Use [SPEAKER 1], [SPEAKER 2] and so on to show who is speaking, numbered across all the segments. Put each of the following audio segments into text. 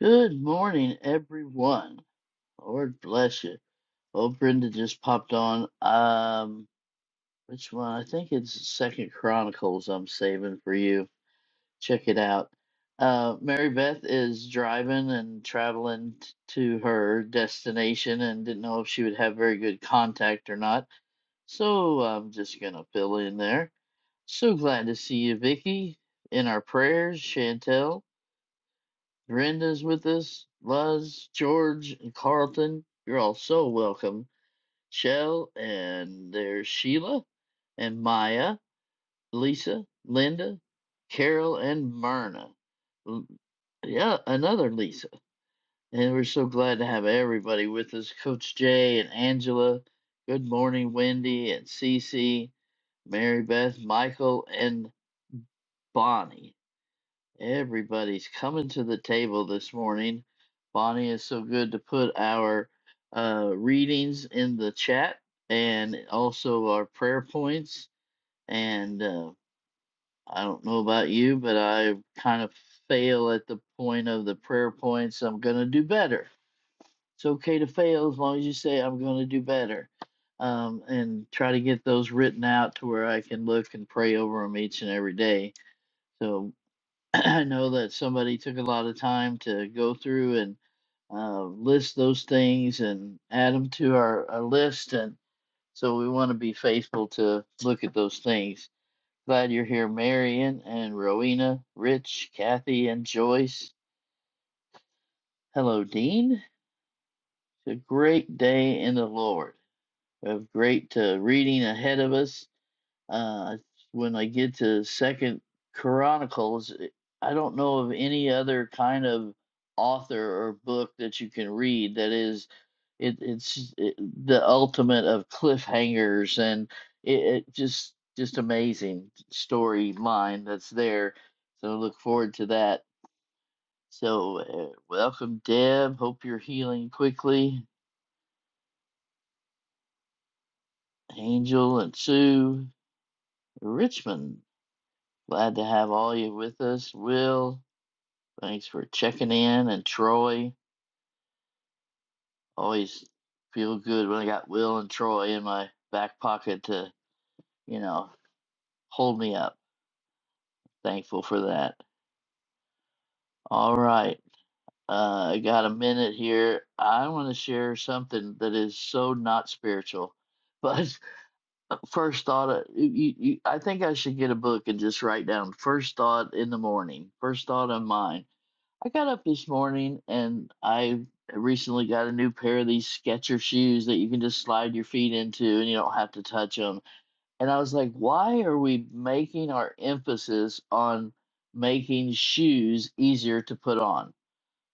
[SPEAKER 1] Good morning, everyone. Lord bless you. Oh, Brenda just popped on. Um, which one? I think it's Second Chronicles. I'm saving for you. Check it out. Uh, Mary Beth is driving and traveling t- to her destination, and didn't know if she would have very good contact or not. So I'm just gonna fill in there. So glad to see you, Vicky. In our prayers, Chantel. Brenda's with us, Luz, George, and Carlton. You're all so welcome. Shell, and there's Sheila, and Maya, Lisa, Linda, Carol, and Myrna. Yeah, another Lisa. And we're so glad to have everybody with us Coach Jay and Angela. Good morning, Wendy and Cece, Mary Beth, Michael, and Bonnie. Everybody's coming to the table this morning. Bonnie is so good to put our uh, readings in the chat and also our prayer points. And uh, I don't know about you, but I kind of fail at the point of the prayer points. I'm going to do better. It's okay to fail as long as you say, I'm going to do better. Um, and try to get those written out to where I can look and pray over them each and every day. So I know that somebody took a lot of time to go through and uh, list those things and add them to our, our list. And so we want to be faithful to look at those things. Glad you're here, Marion and Rowena, Rich, Kathy, and Joyce. Hello, Dean. It's a great day in the Lord. We have great uh, reading ahead of us Uh, when I get to Second Chronicles, it- I don't know of any other kind of author or book that you can read that is it, it's it, the ultimate of cliffhangers and it, it just just amazing storyline that's there. So I look forward to that. So uh, welcome, Deb. Hope you're healing quickly. Angel and Sue Richmond. Glad to have all you with us. Will Thanks for checking in and Troy. Always feel good when I got Will and Troy in my back pocket to, you know, hold me up. Thankful for that. All right. Uh, I got a minute here. I want to share something that is so not spiritual. But first thought, uh, you, you, I think I should get a book and just write down first thought in the morning, first thought on mine. I got up this morning and I recently got a new pair of these Skechers shoes that you can just slide your feet into and you don't have to touch them. And I was like, why are we making our emphasis on making shoes easier to put on?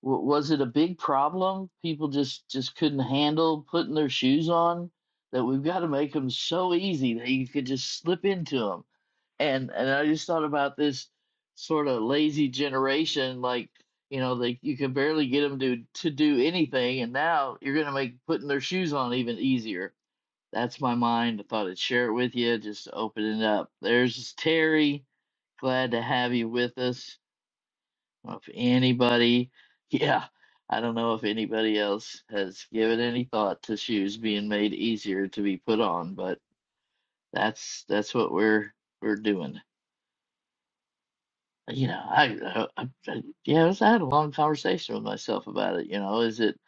[SPEAKER 1] W- was it a big problem? People just just couldn't handle putting their shoes on. That we've got to make them so easy that you could just slip into them and and I just thought about this sort of lazy generation, like you know, like you could barely get them to to do anything, and now you're gonna make putting their shoes on even easier. That's my mind. I thought I'd share it with you, just to open it up. There's Terry. Glad to have you with us. Well, If anybody, yeah, I don't know if anybody else has given any thought to shoes being made easier to be put on, but that's that's what we're we're doing. you know, I, I, I yeah, I was- I had a long conversation with myself about it. You know, is it,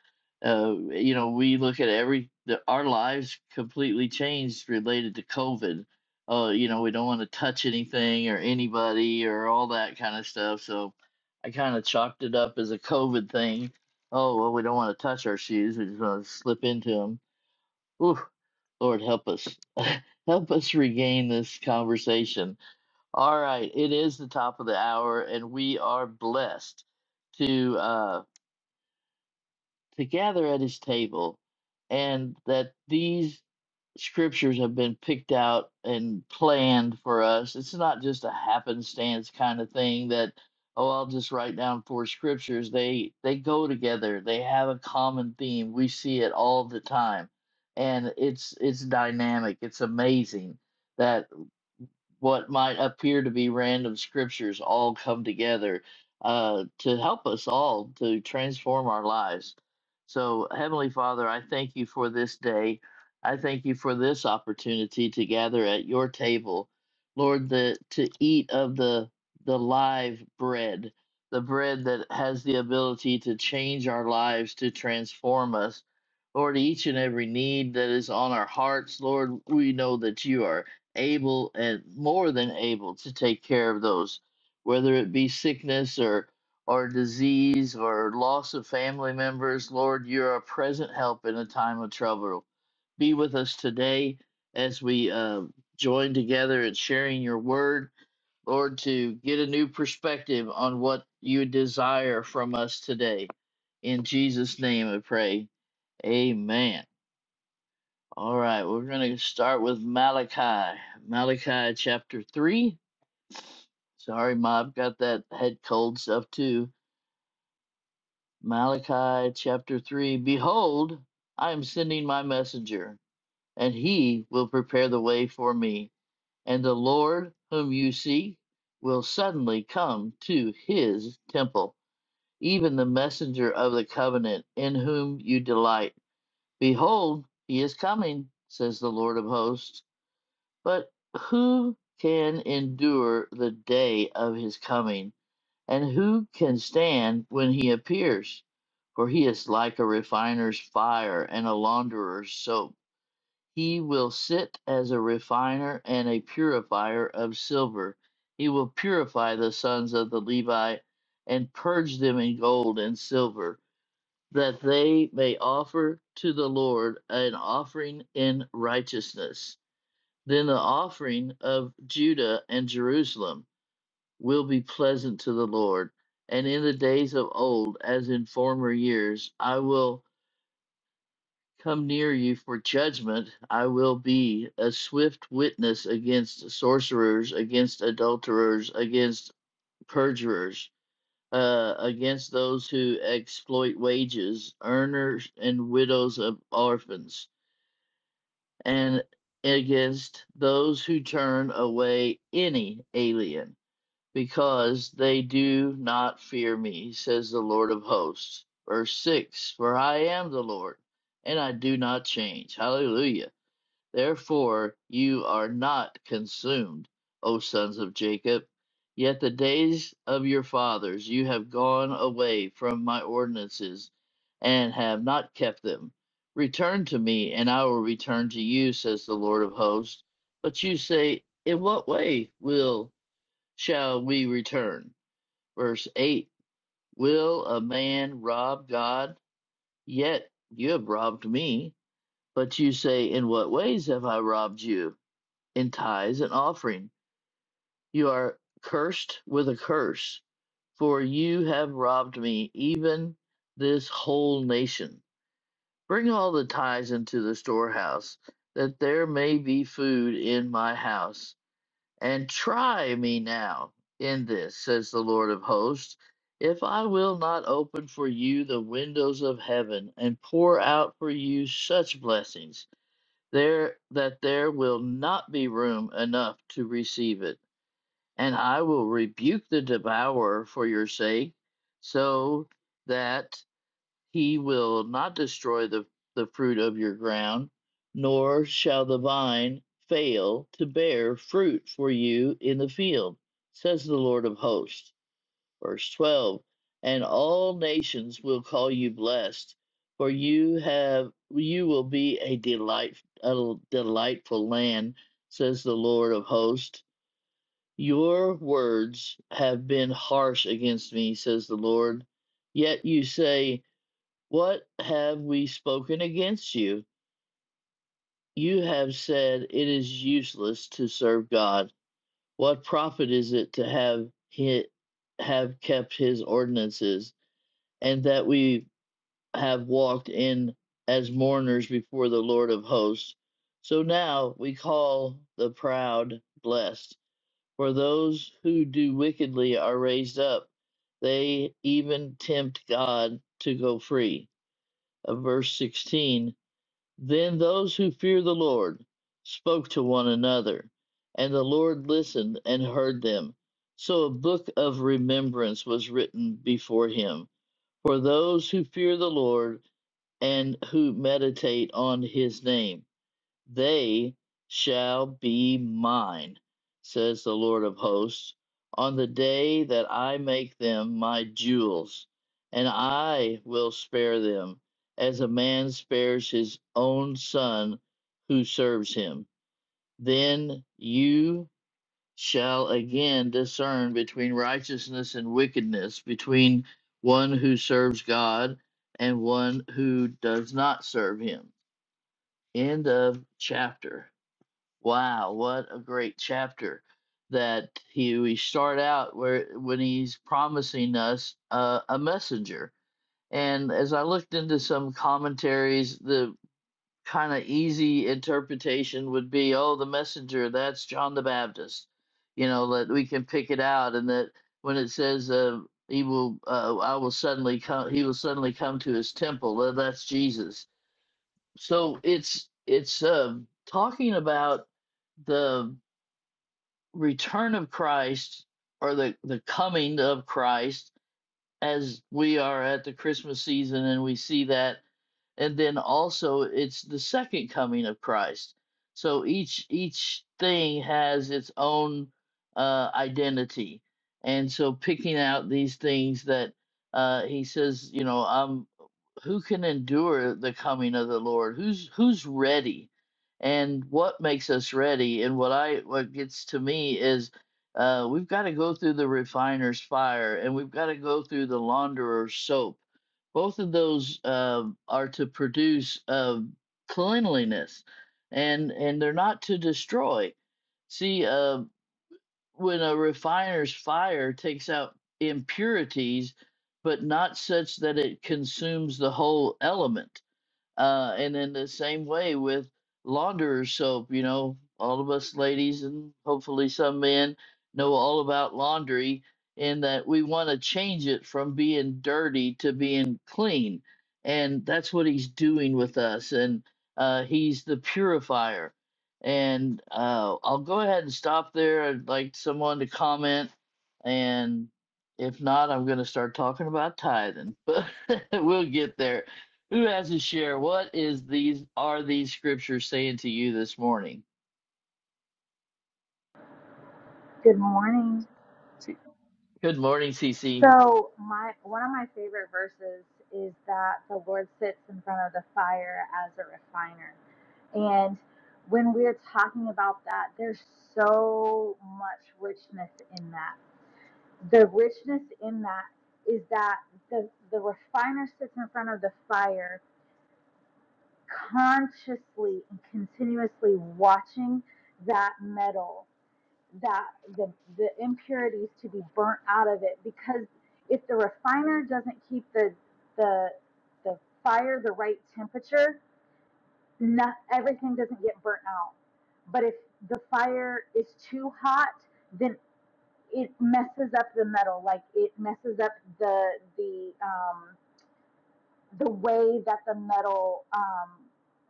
[SPEAKER 1] uh, you know, we look at every the, our lives completely changed related to COVID. Uh, you know, we don't want to touch anything or anybody or all that kind of stuff. So I kind of chalked it up as a COVID thing. Oh well, we don't want to touch our shoes. We just want to slip into them. Ooh, Lord help us, help us regain this conversation all right, it is the top of the hour, and we are blessed to uh, to gather at His table, and that these scriptures have been picked out and planned for us. It's not just a happenstance kind of thing that oh, I'll just write down four scriptures. They they go together. They have a common theme. We see it all the time, and it's it's dynamic. It's amazing. that what might appear to be random scriptures all come together uh, to help us all to transform our lives. So, Heavenly Father, I thank you for this day. I thank you for this opportunity to gather at your table, Lord, the, to eat of the the live bread, the bread that has the ability to change our lives, to transform us. Lord, each and every need that is on our hearts, Lord, we know that you are able and more than able to take care of those, whether it be sickness or or disease or loss of family members. Lord, you're a present help in a time of trouble. Be with us today as we uh, join together in sharing your word, Lord, to get a new perspective on what you desire from us today. In Jesus' name I pray. Amen. All right, we're going to start with Malachi. Malachi chapter 3. Sorry, Mob, got that head cold stuff too. Malachi chapter 3. Behold, I am sending my messenger, and he will prepare the way for me. And the Lord, whom you seek, will suddenly come to his temple, even the messenger of the covenant, in whom you delight. Behold, he is coming, says the Lord of hosts. But who can endure the day of his coming? And who can stand when he appears? For he is like a refiner's fire and a launderer's soap. He will sit as a refiner and a purifier of silver. He will purify the sons of the Levi and purge them in gold and silver, that they may offer to the Lord an offering in righteousness then the offering of Judah and Jerusalem will be pleasant to the Lord. And in the days of old, as in former years, I will come near you for judgment. I will be a swift witness against sorcerers, against adulterers, against perjurers, uh, against those who exploit wages, earners, and widows of orphans, and against those who turn away any alien because they do not fear me, says the Lord of hosts. Verse 6 For I am the Lord, and I do not change. Hallelujah. Therefore, you are not consumed, O sons of Jacob. Yet the days of your fathers you have gone away from my ordinances and have not kept them. Return to me, and I will return to you, says the Lord of hosts. But you say, In what way will shall we return. Verse 8 Will a man rob God? Yet you have robbed me. But you say, In what ways have I robbed you? In tithes and offering. You are cursed with a curse, for you have robbed me, even this whole nation. Bring all the tithes into the storehouse, that there may be food in my house and try me now in this, says the Lord of hosts, if I will not open for you the windows of heaven and pour out for you such blessings there that there will not be room enough to receive it. And I will rebuke the devourer for your sake, so that he will not destroy the, the fruit of your ground, nor shall the vine fail to bear fruit for you in the field, says the Lord of hosts. Verse 12 And all nations will call you blessed, for you have you will be a delight a delightful land, says the Lord of hosts. Your words have been harsh against me, says the Lord. Yet you say, what have we spoken against you? You have said it is useless to serve God. What profit is it to have he, have kept his ordinances, and that we have walked in as mourners before the Lord of hosts? So now we call the proud blessed, for those who do wickedly are raised up. They even tempt God to go free. Of verse 16 Then those who fear the Lord spoke to one another, and the Lord listened and heard them. So a book of remembrance was written before him for those who fear the Lord and who meditate on his name. They shall be mine, says the Lord of hosts, on the day that I make them my jewels, and I will spare them as a man spares his own son who serves him. Then you shall again discern between righteousness and wickedness, between one who serves God and one who does not serve him. End of chapter. Wow, what a great chapter that he we start out where when he's promising us uh, a messenger. And as I looked into some commentaries, the kind of easy interpretation would be, oh, the messenger, that's John the Baptist. You know, that we can pick it out and that when it says uh, he will uh, I will suddenly come he will suddenly come to his temple, well, that's Jesus. So it's it's um talking about the return of Christ or the, the coming of Christ as we are at the Christmas season and we see that and then also it's the second coming of Christ. So each each thing has its own uh, identity, and so picking out these things that uh, he says, you know, um, who can endure the coming of the Lord? Who's who's ready, and what makes us ready? And what I what gets to me is. Uh, we've got to go through the refiner's fire and we've got to go through the launderer's soap both of those um, are to produce uh, cleanliness and and they're not to destroy see uh, when a refiner's fire takes out impurities but not such that it consumes the whole element uh, and in the same way with launderer soap, you know, all of us ladies and hopefully some men know all about laundry and that we want to change it from being dirty to being clean. And that's what he's doing with us. And uh, he's the purifier. And uh, I'll go ahead and stop there. I'd like someone to comment. And if not, I'm going to start talking about tithing, but we'll get there. Who has a share? What is these are these scriptures saying to you this morning?
[SPEAKER 2] Good morning.
[SPEAKER 1] Good morning, CC.
[SPEAKER 2] So my one of my favorite verses is that the Lord sits in front of the fire as a refiner. And when we're talking about that, there's so much richness in that. The richness in that is that the, the refiner sits in front of the fire consciously and continuously watching that metal that the the impurities to be burnt out of it because if the refiner doesn't keep the the the fire the right temperature, not everything doesn't get burnt out. But if the fire is too hot, then it messes up the metal. Like it messes up the the um, the way that the metal um,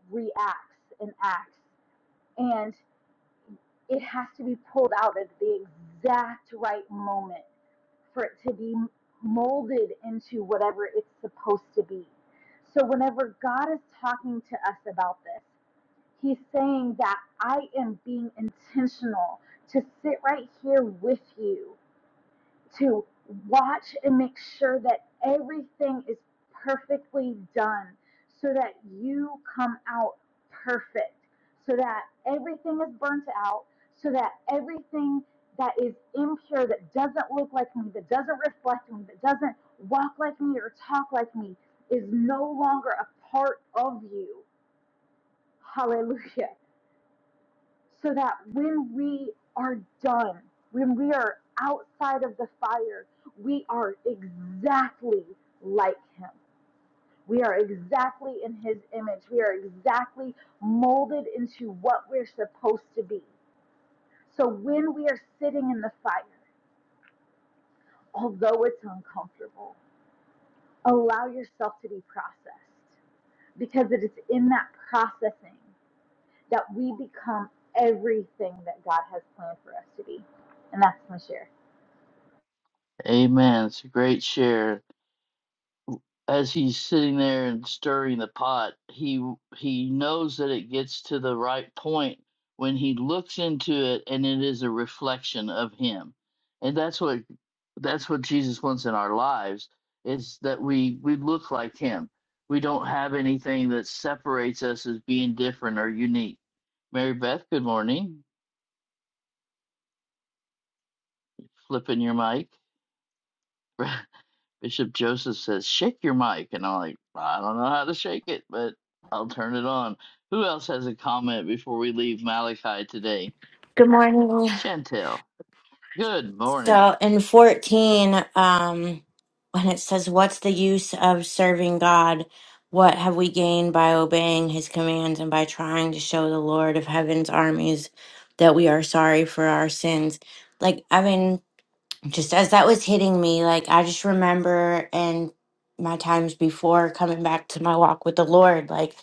[SPEAKER 2] reacts and acts, and it has to be pulled out at the exact right moment for it to be molded into whatever it's supposed to be. So, whenever God is talking to us about this, He's saying that I am being intentional to sit right here with you to watch and make sure that everything is perfectly done so that you come out perfect, so that everything is burnt out, so that everything that is impure, that doesn't look like me, that doesn't reflect me, that doesn't walk like me or talk like me, is no longer a part of you. Hallelujah so that when we are done, when we are outside of the fire, we are exactly like Him. We are exactly in His image. We are exactly molded into what we're supposed to be. So when we are sitting in the fire, although it's uncomfortable, allow yourself to be processed because it is in that processing that we become everything that God has planned for us to be. And that's my share.
[SPEAKER 1] Amen. It's a great share. as he's sitting there and stirring the pot, he he knows that it gets to the right point when he looks into it and it is a reflection of him. And that's what that's what Jesus wants in our lives is that we we look like him. We don't have anything that separates us as being different or unique. Mary Beth, good morning. Flipping your mic. Bishop Joseph says, "Shake your mic," and I'm like, "I don't know how to shake it, but I'll turn it on." Who else has a comment before we leave Malachi today?
[SPEAKER 3] Good morning.
[SPEAKER 1] Chantel, good morning.
[SPEAKER 3] So in 14, um, when it says, What's the use of serving God? What have we gained by obeying his commands and by trying to show the Lord of heaven's armies that we are sorry for our sins? Like, I mean just as that was hitting me, like I just remember and my times before coming back to my walk with the Lord, like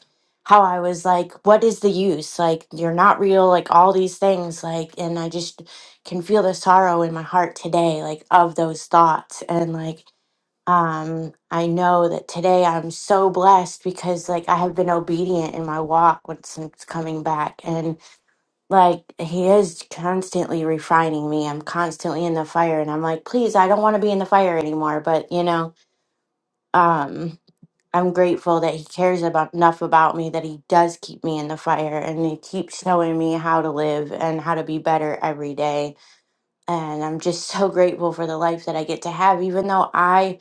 [SPEAKER 3] how I was like, what is the use? Like, you're not real, like all these things. Like, and I just can feel the sorrow in my heart today, like of those thoughts. And like, um, I know that today I'm so blessed because like I have been obedient in my walk with- since coming back. and like he is constantly refining me i'm constantly in the fire and i'm like please i don't want to be in the fire anymore but you know um i'm grateful that he cares about enough about me that he does keep me in the fire and he keeps showing me how to live and how to be better every day and i'm just so grateful for the life that i get to have even though i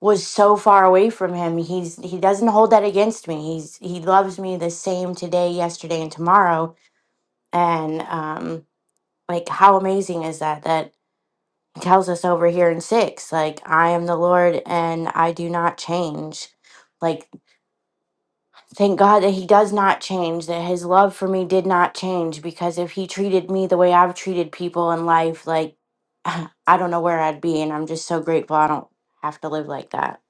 [SPEAKER 3] was so far away from him he's he doesn't hold that against me he's he loves me the same today yesterday and tomorrow and um like how amazing is that that he tells us over here in six like i am the lord and i do not change like thank god that he does not change that his love for me did not change because if he treated me the way i've treated people in life like i don't know where i'd be and i'm just so grateful i don't have to live like that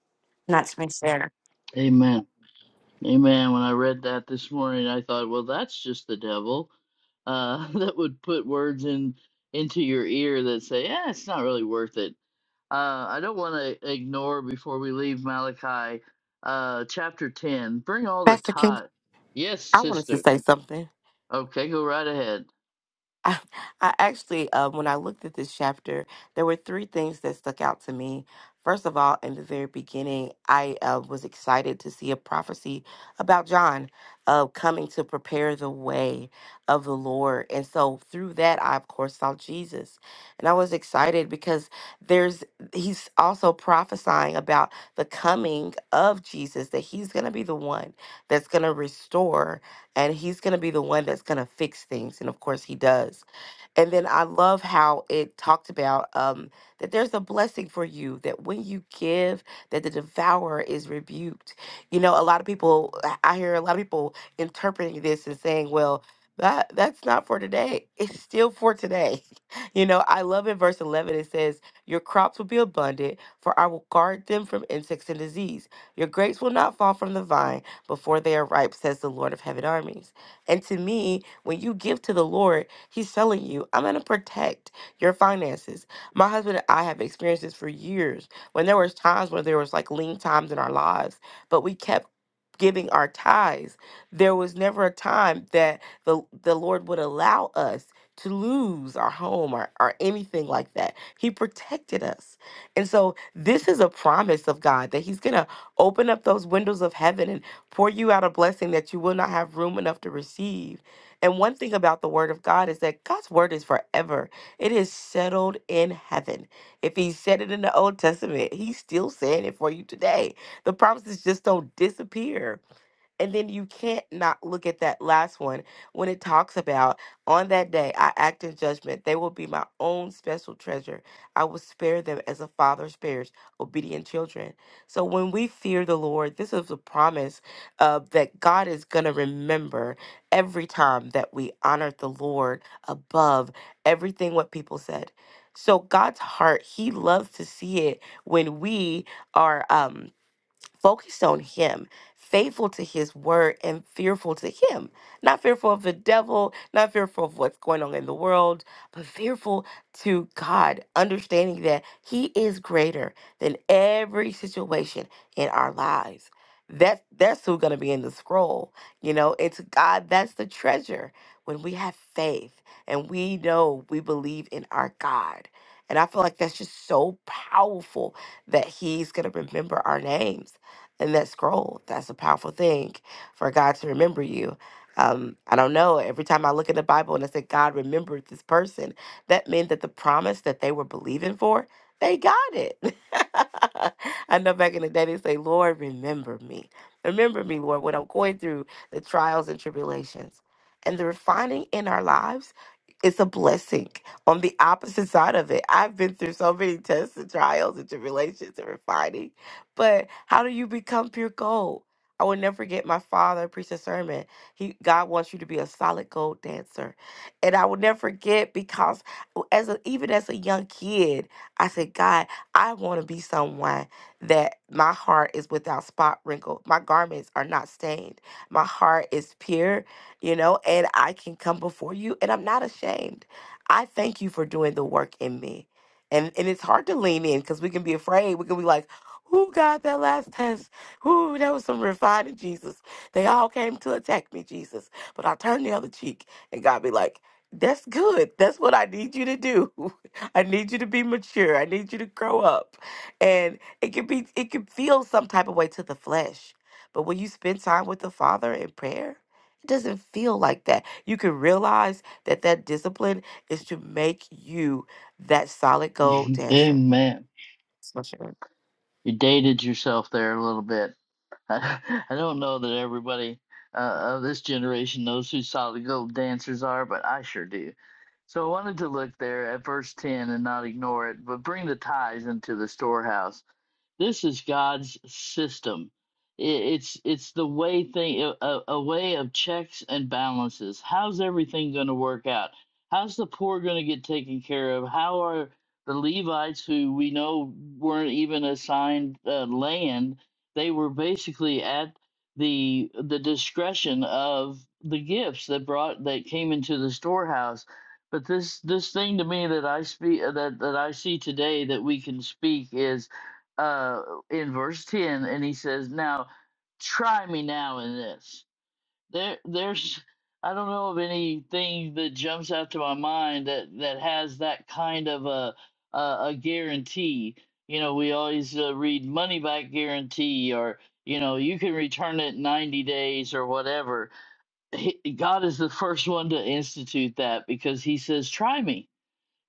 [SPEAKER 3] and that's my share
[SPEAKER 1] Amen. Amen. When I read that this morning, I thought, well, that's just the devil uh, that would put words in into your ear that say, "Yeah, it's not really worth it." Uh, I don't want to ignore before we leave Malachi uh, chapter ten. Bring all the
[SPEAKER 4] Pastor King,
[SPEAKER 1] tithe. Yes,
[SPEAKER 4] I wanted to
[SPEAKER 1] sister.
[SPEAKER 4] say something.
[SPEAKER 1] Okay, go right ahead.
[SPEAKER 4] I, I actually, uh, when I looked at this chapter, there were three things that stuck out to me. First of all, in the very beginning, I uh, was excited to see a prophecy about John uh, coming to prepare the way of the Lord. And so through that, I, of course, saw Jesus. And I was excited because there's, he's also prophesying about the coming of Jesus, that he's going to be the one that's going to restore. and he's going to be the one that's going to fix things and of course he does and then I love how it talked about um, that there's a blessing for you that when you give, that the devourer is rebuked. You know, a lot of people, I I hear a lot of people interpreting this and saying, well, that that's not for today. It's still for today. You know, I love in verse 11 it says, "Your crops will be abundant, for I will guard them from insects and disease. Your grapes will not fall from the vine before they are ripe," says the Lord of heaven armies. And to me, when you give to the Lord, He's telling you, I'm going to protect your finances. My husband and I have experienced this for years when there was times where there was like lean times in our lives, but we kept giving our tithes. There was never a time that the the Lord would allow us to lose our home or, or anything like that. He protected us. And so this is a promise of God that He's gonna open up those windows of heaven and pour you out a blessing that you will not have room enough to receive and one thing about the word of God is that God's word is forever. It is settled in heaven. If he said it in the Old Testament, he's still saying it for you today. The promises just don't disappear and then you can't not look at that last one when it talks about on that day I act in judgment. They will be my own special treasure. I will spare them as a father spares obedient children. So when we fear the Lord, this is a promise uh, that God is going to remember every time that we honored the Lord above everything what people said. So God's heart, He loves to see it when we are. Um, focused on him, faithful to his word, and fearful to him. Not fearful of the devil, not fearful of what's going on in the world, but fearful to God, understanding that he is greater than every situation in our lives. That, that's who's going to be in the scroll. You know, it's God, that's the treasure. When we have faith and we know we believe in our God. And I feel like that's just so powerful that he's going to remember our names in that scroll. That's a powerful thing for God to remember you. Um, I don't know. Every time I look in the Bible and I say, God remembered this person, that meant that the promise that they were believing for, they got it. I know back in the day they say, Lord, remember me. Remember me, Lord, when I'm going through the trials and tribulations. And the refining in our lives is a blessing on the opposite side of it. I've been through so many tests and trials and tribulations and refining but how do you become pure gold? I will never forget my father, Priestess Sermon. He God wants you to be a solid gold dancer. And I will never forget because as a, even as a young kid, I said, God, I want to be someone that my heart is without spot wrinkle. My garments are not stained. My heart is pure, you know, and I can come before you and I'm not ashamed. I thank you for doing the work in me. And and it's hard to lean in because we can be afraid. We can be like, who got that last test? Who that was some refining Jesus. They all came to attack me, Jesus. But I turned the other cheek and God be like, That's good. That's what I need you to do. I need you to be mature. I need you to grow up. And it can be it can feel some type of way to the flesh. But when you spend time with the Father in prayer, it doesn't feel like that. You can realize that that discipline is to make you that solid gold dancer.
[SPEAKER 1] Amen.
[SPEAKER 4] That's my share.
[SPEAKER 1] You dated yourself there a little bit. I, I don't know that everybody uh, of this generation knows who solid gold dancers are, but I sure do. So I wanted to look there at verse 10 and not ignore it, but bring the tithes into the storehouse This is God's system. I- It's it's the way thing a, a a way of checks and balances. How's everything going to work out? How's the poor going to get taken care of? How are the Levites, who we know weren't even assigned uh, land, they were basically at the the discretion of the gifts that brought that came into the storehouse. But this this thing to me that I speak that that I see today that we can speak is uh, in verse 10 and he says now try me now in this there there's i don't know of anything that jumps out to my mind that that has that kind of a a, a guarantee you know we always uh, read money back guarantee or you know you can return it in 90 days or whatever He- god is the first one to institute that because he says try me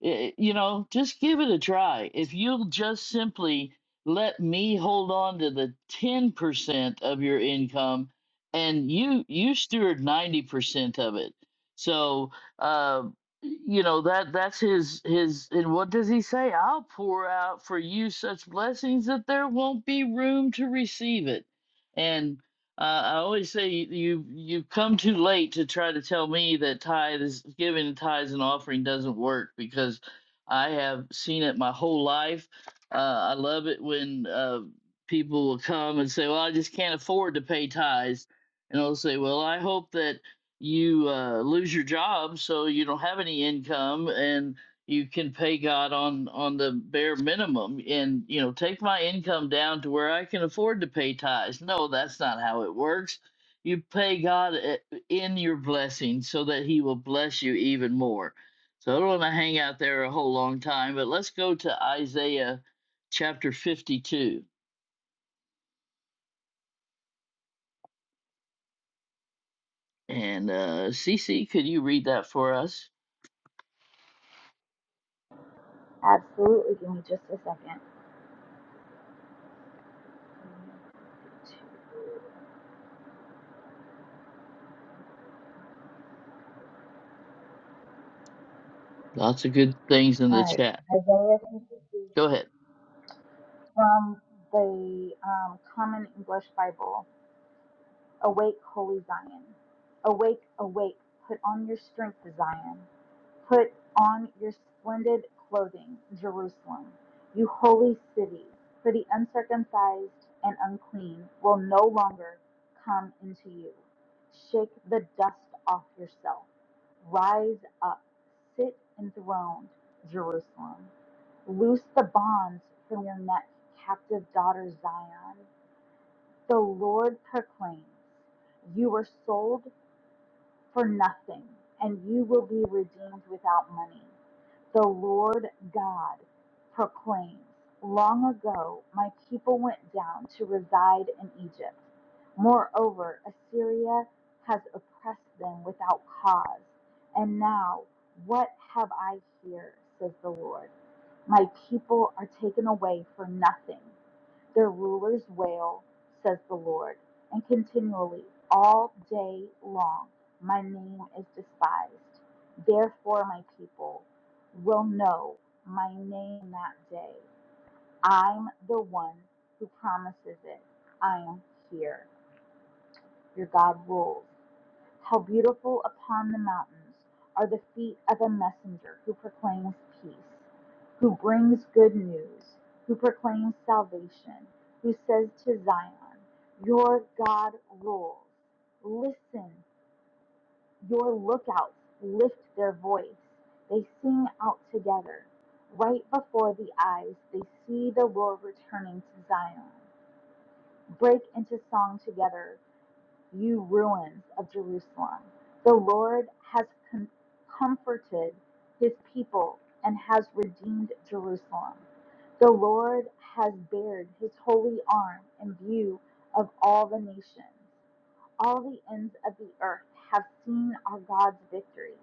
[SPEAKER 1] I- you know, just give it a try. If you'll just simply let me hold on to the 10% of your income and you you steward 90% of it. So, uh, you know, that that's his his and what does he say? I'll pour out for you such blessings that there won't be room to receive it. And. Uh, I always say you, you have come too late to try to tell me that tithe is giving tithes and offering doesn't work because I have seen it my whole life. Uh, I love it when uh, people will come and say, "Well, I just can't afford to pay tithes," and I'll say, "Well, I hope that you uh, lose your job so you don't have any income and." you can pay God on on the bare minimum and you know take my income down to where I can afford to pay tithes. No, that's not how it works. You pay God i- in your blessing so that He will bless you even more. So I don't want to hang out there a whole long time, but let's go to Isaiah chapter 52. And uh, Cece, could you read that for us?
[SPEAKER 2] Absolutely. Give me just a second.
[SPEAKER 1] Lots of good things in
[SPEAKER 2] All
[SPEAKER 1] the
[SPEAKER 2] right.
[SPEAKER 1] chat.
[SPEAKER 2] Isaiah 53
[SPEAKER 1] Go ahead.
[SPEAKER 2] from the um, Common English Bible. Awake, holy Zion. Awake, awake. Put on your strength, Zion. Put on your splendid clothing, Jerusalem, you holy city, for the uncircumcised and unclean will no longer come into you. Shake the dust off yourself. Rise up, sit enthroned, Jerusalem. Loose the bonds from your neck, captive daughter Zion. The Lord proclaims, You were sold for nothing, and you will be redeemed without money. The Lord God proclaims, Long ago my people went down to reside in Egypt. Moreover, Assyria has oppressed them without cause. And now, what have I here, says the Lord? My people are taken away for nothing. Their rulers wail, says the Lord, and continually, all day long, my name is despised. Therefore, my people will know my name that day. I'm the one who promises it. I am here. Your God rules. How beautiful upon the mountains are the feet of a messenger who proclaims peace, who brings good news, who proclaims salvation, who says to Zion, Your God rules. Listen, your lookouts lift their voice. They sing out together. Right before the eyes, they see the Lord returning to Zion. Break into song together you ruins of Jerusalem. The Lord has com- comforted his people and has redeemed Jerusalem. The Lord has bared his holy arm in view of all the nations. All the ends of the earth have seen our God's victory.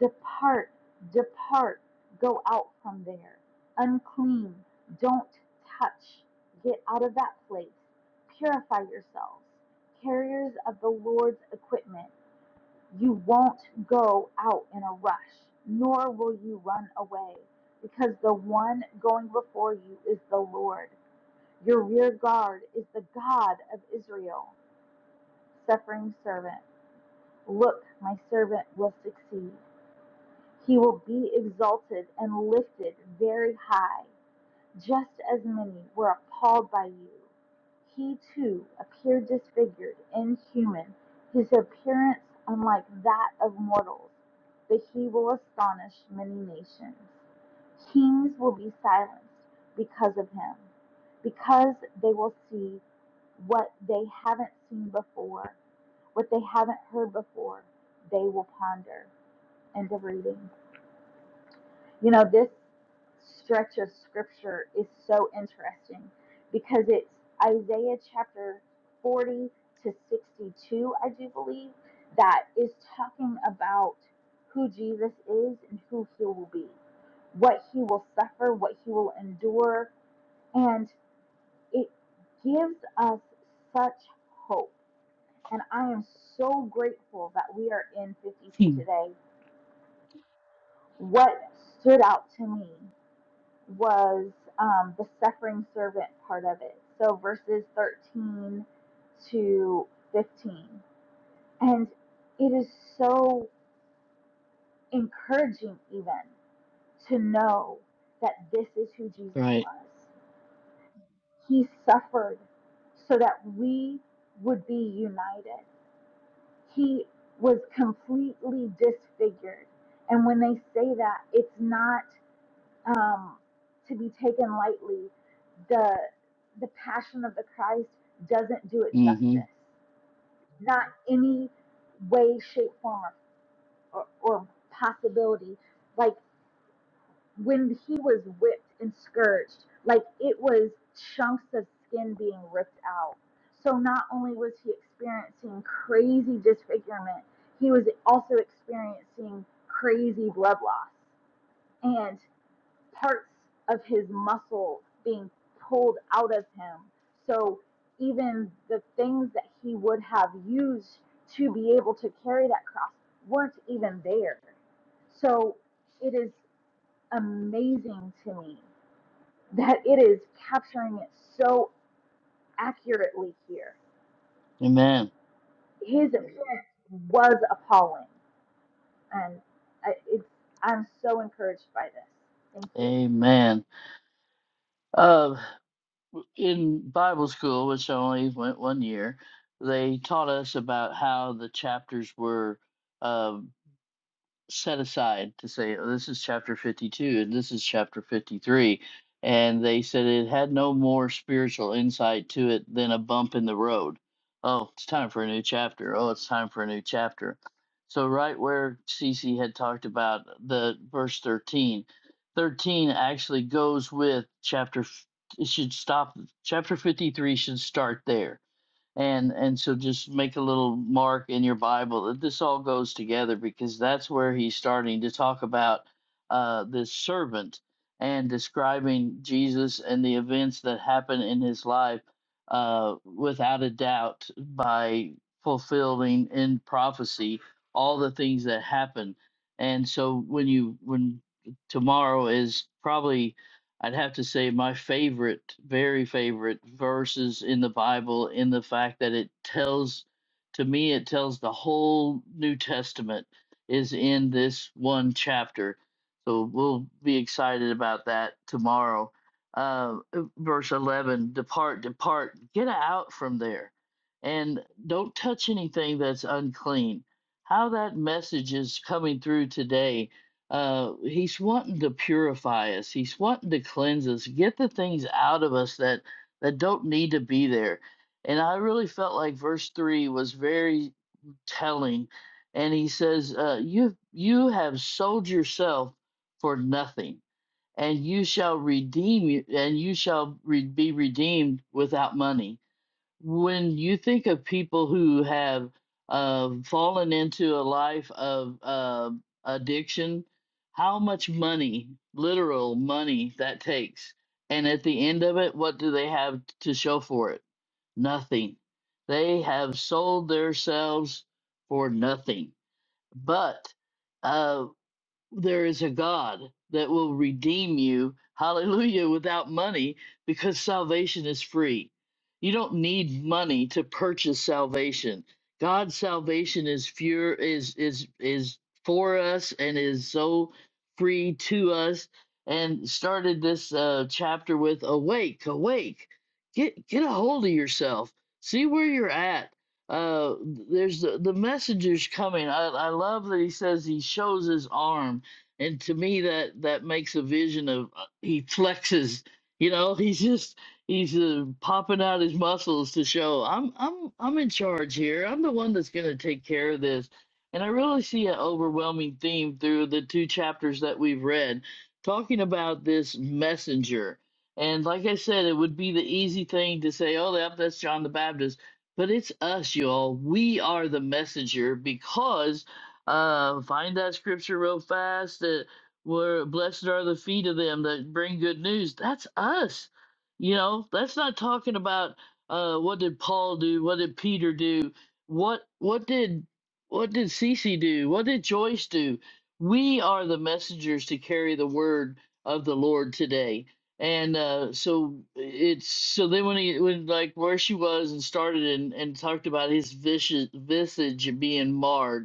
[SPEAKER 2] Depart, depart, go out from there. Unclean, don't touch, get out of that place. Purify yourselves, carriers of the Lord's equipment. You won't go out in a rush, nor will you run away, because the one going before you is the Lord. Your rear guard is the God of Israel. Suffering servant, look, my servant will succeed. He will be exalted and lifted very high, just as many were appalled by you. He too appeared disfigured, inhuman, his appearance unlike that of mortals, but he will astonish many nations. Kings will be silenced because of him, because they will see what they haven't seen before, what they haven't heard before, they will ponder. End of reading. You know, this stretch of scripture is so interesting because it's Isaiah chapter 40 to 62, I do believe, that is talking about who Jesus is and who he will be, what he will suffer, what he will endure, and it gives us such hope. And I am so grateful that we are in 52 today. What stood out to me was um, the suffering servant part of it. So verses 13 to 15. And it is so encouraging, even to know that this is who Jesus
[SPEAKER 1] Right.
[SPEAKER 2] was. He suffered so that we would be united. He was completely disfigured. And when they say that, it's not. um, to be taken lightly. The the Passion of the Christ doesn't do it
[SPEAKER 1] hmm
[SPEAKER 2] justice. Not any way, shape, form, or, or, or possibility. Like when he was whipped and scourged, like it was chunks of skin being ripped out. So not only was he experiencing crazy disfigurement, he was also experiencing crazy blood loss parts of his muscle being pulled out of him. So even the things that he would have used to be able to carry that cross weren't even there. So it is amazing to me that it is capturing it so accurately here.
[SPEAKER 1] Amen.
[SPEAKER 2] His appearance was appalling, and I, it's, I'm so encouraged by this. Thank you.
[SPEAKER 1] Amen. Uh, in Bible school, which I only went one year, they taught us about how the chapters were. uh, set aside to say, oh, this is chapter 52 and this is chapter 53. And they said it had no more spiritual insight to it than a bump in the road. Oh, it's time for a new chapter. Oh, it's time for a new chapter. So, right where Cece had talked about the verse 13, 13 actually goes with chapter, f- it should stop, chapter 53 should start there and and so just make a little mark in your bible this all goes together because that's where he's starting to talk about uh this servant and describing jesus and the events that happen in his life uh without a doubt by fulfilling in prophecy all the things that happen and so when you when tomorrow is probably I'd have to say my favorite, very favorite verses in the Bible in the fact that it tells to me it tells the whole New Testament is in this one chapter. So we'll be excited about that tomorrow. Uh, verse 11 Depart, depart, get out from there, and don't touch anything that's unclean. How that message is coming through today uh he's wanting to purify us he's wanting to cleanse us get the things out of us that that don't need to be there and i really felt like verse 3 was very telling and he says uh you you have sold yourself for nothing and you shall redeem you and you shall re- be redeemed without money when you think of people who have uh, fallen into a life of uh, addiction, how much money, literal money, that takes. And at the end of it, what do they have to show for it? Nothing. They have sold themselves for nothing. But uh there is a God that will redeem you, hallelujah, without money because salvation is free. You don't need money to purchase salvation. God's salvation is pure is is is for us and is so free to us and started this uh, chapter with awake awake get get a hold of yourself see where you're at uh there's the, the messengers coming I, I love that he says he shows his arm and to me that that makes a vision of uh, he flexes you know he's just he's uh, popping out his muscles to show i'm i'm i'm in charge here i'm the one that's going to take care of this and i really see an overwhelming theme through the two chapters that we've read talking about this messenger and like i said it would be the easy thing to say oh yep, that's john the baptist but it's us y'all we are the messenger because uh, find that scripture real fast that where blessed are the feet of them that bring good news. That's us. You know, that's not talking about uh, what did Paul do? What did Peter do? What what did what did Cece do? What did Joyce do? We are the messengers to carry the word of the Lord today. And uh, so it's so then when he when like where she was and started and, and talked about his vicious visage being marred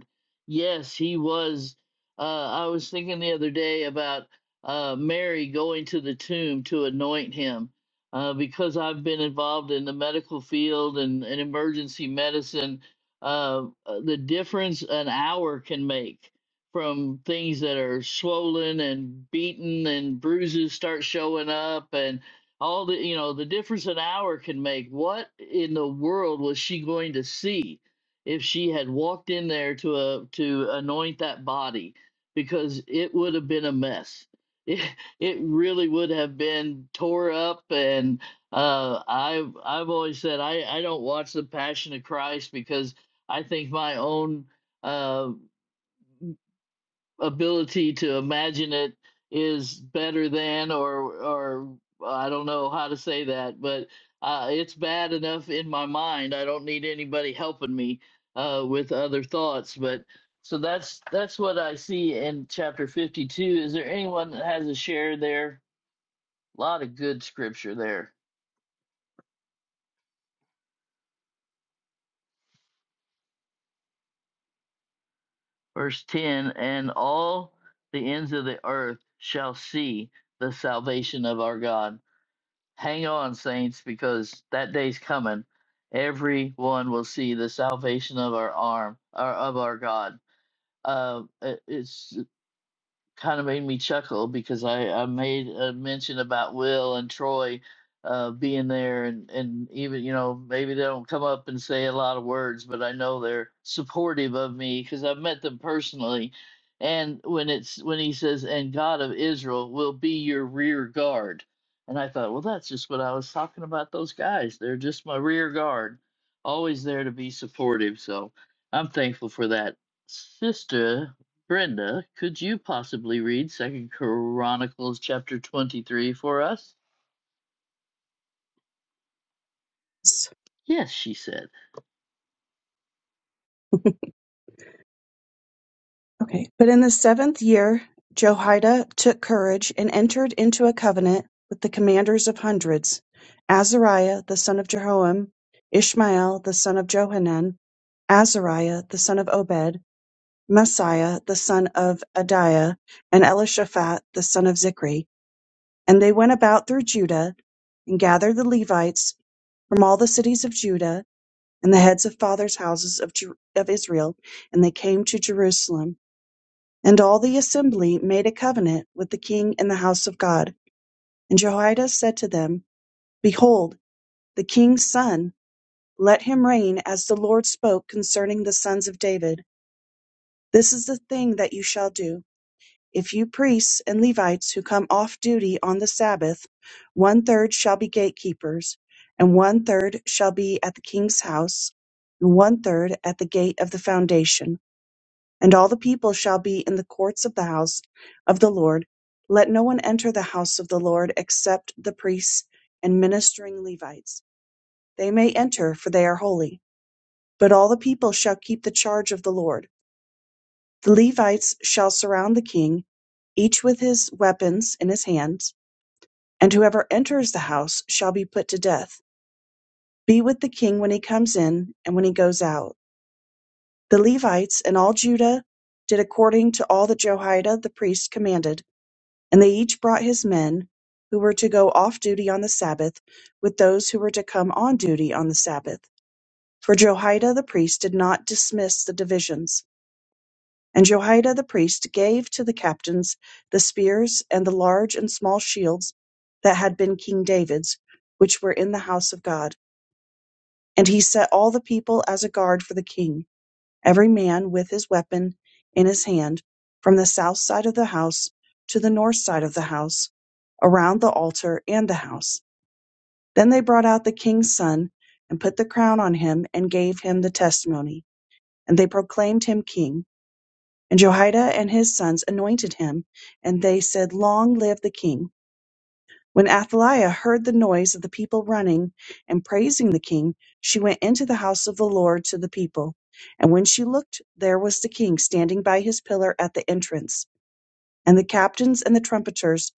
[SPEAKER 1] Yes, he was. Uh, I was thinking the other day about uh, Mary going to the tomb to anoint him uh, because I've been involved in the medical field and, and emergency medicine. Uh, uh, the difference an hour can make from things that are swollen and beaten and bruises start showing up and all the you know the difference an hour can make what in the world was she going to see if she had walked in there to a, to anoint that body because it would have been a mess. It, it really would have been tore up and uh, I've I've always said I, I don't watch the Passion of Christ because I think my own uh, ability to imagine it is better than or or I don't know how to say that, but uh, it's bad enough in my mind. I don't need anybody helping me uh, with other thoughts. But so that's that's what I see in chapter fifty-two. Is there anyone that has a share there? A lot of good scripture there. Verse ten, and all the ends of the earth shall see the salvation of our God. Hang on, saints, because that day's coming. Everyone will see the salvation of our arm, or of our God. Uh, it- it's kind of made me chuckle because I, I made a mention about Will and Troy uh, being there, and, and even, you know, maybe they don't come up and say a lot of words, but I know they're supportive of me because I've met them personally. And when it's when he says, and God of Israel will be your rear guard. And I thought, well, that's just what I was talking about. Those guys, they're just my rear guard, always there to be supportive. So I'm thankful for that. Sister Brenda, could you possibly read Second Chronicles chapter 23 for us?
[SPEAKER 5] Yes.
[SPEAKER 1] Yes, she said.
[SPEAKER 5] Okay. But in the seventh year, Jehoiada took courage and entered into a covenant with the commanders of hundreds Azariah the son of Jehoam, Ishmael the son of Johanan, Azariah the son of Obed, Messiah the son of Adiah, and Elishaphat the son of Zikri. And they went about through Judah and gathered the Levites from all the cities of Judah and the heads of fathers' houses of, Ju- of Israel, and they came to Jerusalem. And all the assembly made a covenant with the king in the house of God. And Jehoiada said to them, Behold, the king's son, let him reign as the Lord spoke concerning the sons of David. This is the thing that you shall do. If you priests and Levites who come off duty on the Sabbath, one third shall be gatekeepers, and one third shall be at the king's house, and one third at the gate of the foundation. And all the people shall be in the courts of the house of the Lord. Let no one enter the house of the Lord except the priests and ministering Levites. They may enter, for they are holy. But all the people shall keep the charge of the Lord. The Levites shall surround the king, each with his weapons in his hands, and whoever enters the house shall be put to death. Be with the king when he comes in and when he goes out. The Levites and all Judah did according to all that Jehoiada the priest commanded. And they each brought his men, who were to go off duty on the sabbath, with those who were to come on duty on the sabbath. For Jehoiada the priest did not dismiss the divisions. And Jehoiada the priest gave to the captains the spears and the large and small shields that had been King David's, which were in the house of God. And he set all the people as a guard for the king every man with his weapon in his hand, from the south side of the house to the north side of the house, around the altar and the house. Then they brought out the king's son, and put the crown on him, and gave him the testimony. And they proclaimed him king. And Jehoiada and his sons anointed him, and they said, Long live the king. When Athaliah heard the noise of the people running and praising the king, she went into the house of the Lord to the people. And when she looked, there was the king standing by his pillar at the entrance, and the captains and the trumpeters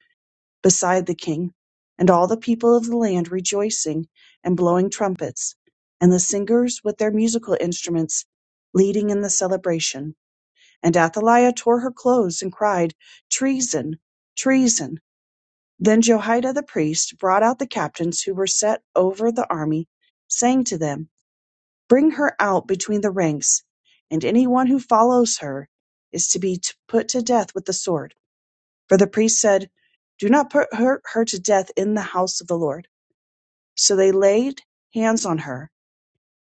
[SPEAKER 5] beside the king, and all the people of the land rejoicing and blowing trumpets, and the singers with their musical instruments leading in the celebration. And Athaliah tore her clothes and cried, Treason! Treason! Then Jehoiada the priest brought out the captains who were set over the army, saying to them, Bring her out between the ranks, and any one who follows her is to be t- put to death with the sword. For the priest said, Do not put her, her to death in the house of the Lord. So they laid hands on her,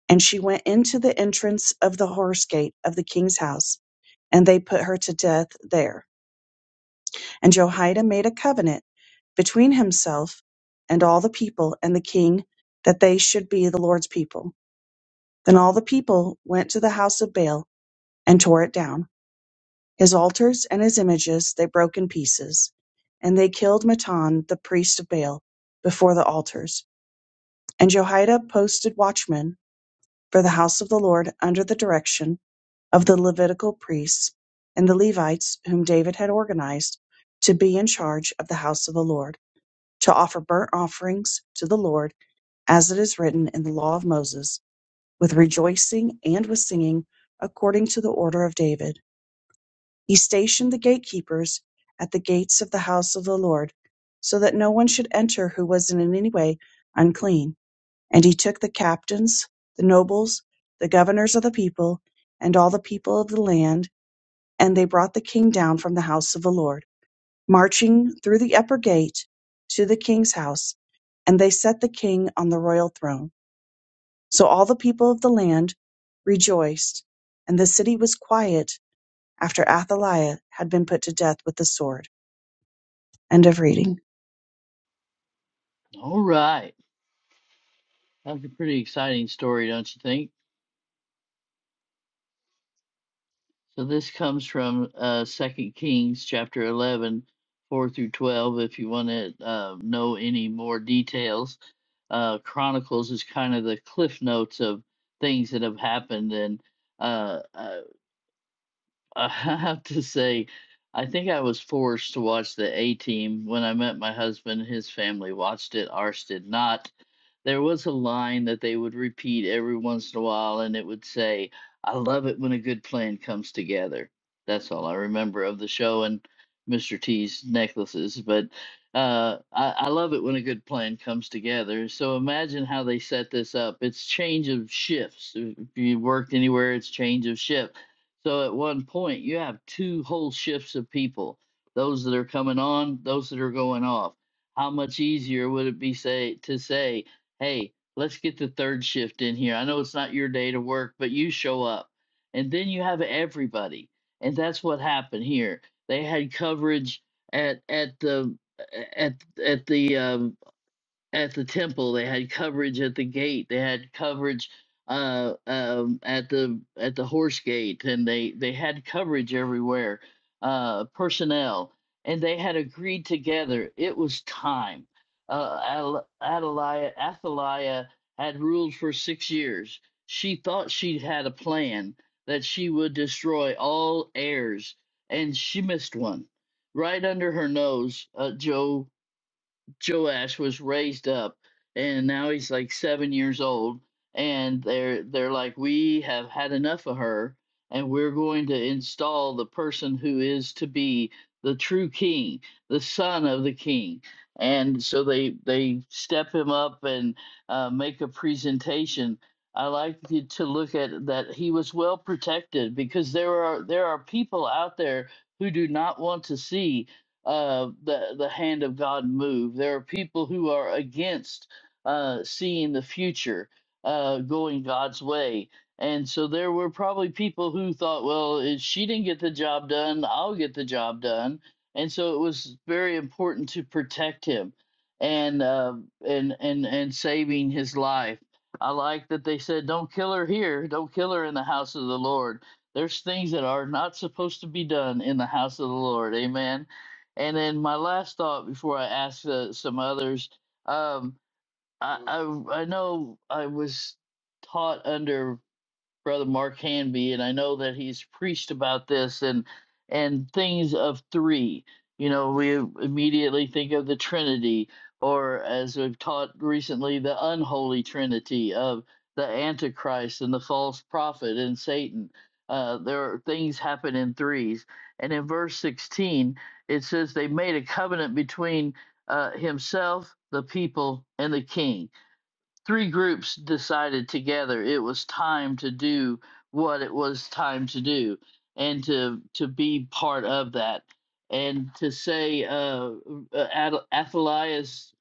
[SPEAKER 5] and she went into the entrance of the horse gate of the king's house, and they put her to death there. And Jehoiada made a covenant between himself and all the people and the king that they should be the Lord's people. Then all the people went to the house of Baal and tore it down. His altars and his images they broke in pieces. And they killed Matan, the priest of Baal, before the altars. And Jehoiada posted watchmen for the house of the Lord under the direction of the Levitical priests and the Levites, whom David had organized to be in charge of the house of the Lord. to offer burnt offerings to the Lord, as it is written in the law of Moses, with rejoicing and with singing, according to the order of David. He stationed the gatekeepers at the gates of the house of the Lord, so that no one should enter who was in any way unclean. And he took the captains, the nobles, the governors of the people, and all the people of the land, and they brought the king down from the house of the Lord marching through the upper gate to the king's house, and they set the king on the royal throne. So all the people of the land rejoiced, and the city was quiet after Athaliah had been put to death with the sword. End of reading.
[SPEAKER 1] All right. That's a pretty exciting story, don't you think? So this comes from uh, 2 Kings chapter 11, 4 through 12, if you want to uh, know any more details. Uh, Chronicles is kind of the cliff notes of things that have happened. And uh, uh, I have to say, I think I was forced to watch the A Team when I met my husband. His family watched it, ours did not there was a line that they would repeat every once in a while, and it would say, I love it when a good plan comes together. That's all I remember of the show and Mr. T's necklaces. But uh, I, I love it when a good plan comes together. So imagine how they set this up. It's change of shifts. If if you worked anywhere, it's change of shift. So at one point, you have two whole shifts of people those that are coming on, those that are going off. How much easier would it be say to say hey, let's get the third shift in here. I know it's not your day to work, but you show up. And then you have everybody. And that's what happened here. They had coverage at at the at at the um, at the temple. They had coverage at the gate. They had coverage uh, um, at the at the horse gate, and they they had coverage everywhere. Uh, personnel, and they had agreed together. It was time. Uh, Adaliah, Athaliah had ruled for six years. She thought she had a plan that she would destroy all heirs, and she missed one right under her nose. Uh, Joe Joash was raised up, and now he's like seven years old, and they're they're like, we have had enough of her, and we're going to install the person who is to be the true king, the son of the king. And so they they step him up and uh, make a presentation. I like to to look at that he was well protected because there are there are people out there who do not want to see uh, the the hand of God move. There are people who are against uh, seeing the future uh, going God's way, and so there were probably people who thought, well, if she didn't get the job done, I'll get the job done, and so it was very important to protect him and uh, and and and saving his life. I like that they said, don't kill her here, don't kill her in the house of the Lord. There's things that are not supposed to be done in the house of the Lord. Amen and then my last thought before I ask uh, some others, um, I, I I know I was taught under brother Mark Hanby, and I know that he's preached about this and and things of three. You know, we immediately think of the Trinity, or as we've taught recently, the unholy Trinity of the Antichrist and the false prophet and Satan. Uh, there are things happen in threes, and in verse sixteen it says they made a covenant between uh, himself, the people, and the king three groups decided together it was time to do what it was time to do and to to be part of that and to say uh, uh Ad- athaliah's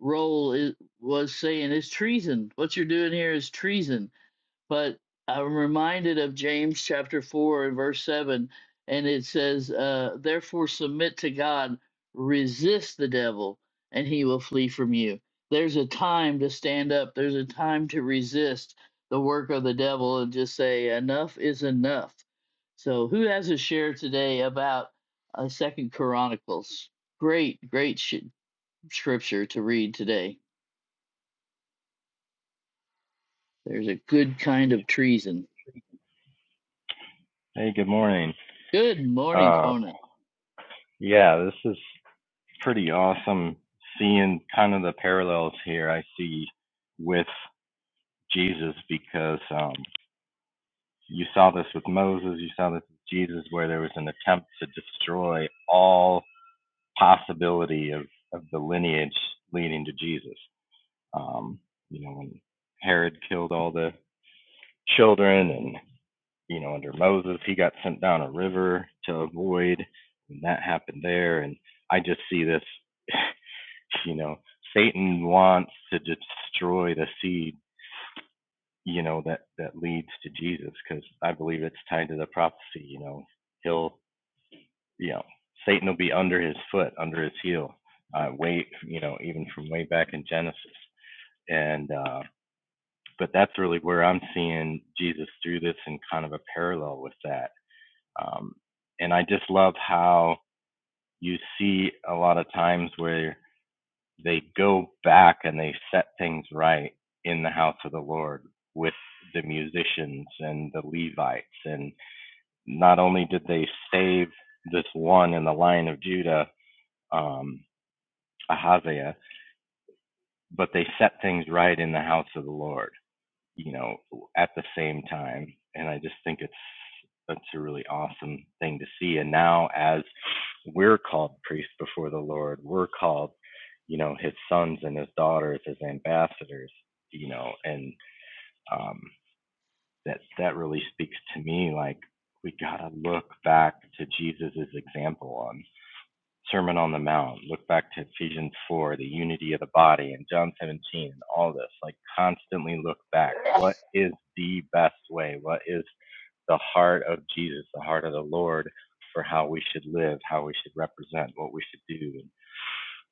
[SPEAKER 1] role is, was saying it's treason what you're doing here is treason but I'm reminded of James chapter 4 and verse 7, and it says, uh, Therefore submit to God, resist the devil, and he will flee from you. There's a time to stand up, there's a time to resist the work of the devil and just say, Enough is enough. So, who has a share today about uh, Second Chronicles? Great, great sh- scripture to read today. There's a good kind of treason.
[SPEAKER 6] Hey, good morning.
[SPEAKER 1] Good morning,
[SPEAKER 6] Uh,
[SPEAKER 1] Conan.
[SPEAKER 6] yeah, this is pretty awesome seeing kind of the parallels here I see with Jesus because um, you saw this with Moses, you saw this with Jesus, where there was an attempt to destroy all possibility of, of the lineage leading to Jesus. Um, you know, when Herod killed all the children and. you know, under Moses, he got sent down a river to avoid, and that happened there. And I just see this, you know, Satan wants to destroy the seed, you know, that that leads to Jesus, because I believe it's tied to the prophecy. You know, he'll, you know, Satan will be under his foot, under his heel, uh, way, you know, even from way back in Genesis. And uh, but that's really where I'm seeing Jesus through this in kind of a parallel with that Um, and I just love how you see a lot of times where they go back and they set things right in the house of the Lord with the musicians and the Levites. And not only did they save this one in the line of Judah, um, Ahaziah, but they set things right in the house of the Lord. you know, at the same time. And I just think it's that's a really awesome thing to see. And now as we're called priests before the Lord, we're called, you know, his sons and his daughters as ambassadors, you know, and um that that really speaks to me like we gotta look back to Jesus's example on Sermon on the Mount, look back to Ephesians 4, the unity of the body, and John 17, and all this. Like, constantly look back. What is the best way? What is the heart of Jesus, the heart of the Lord for how we should live, how we should represent, what we should do? And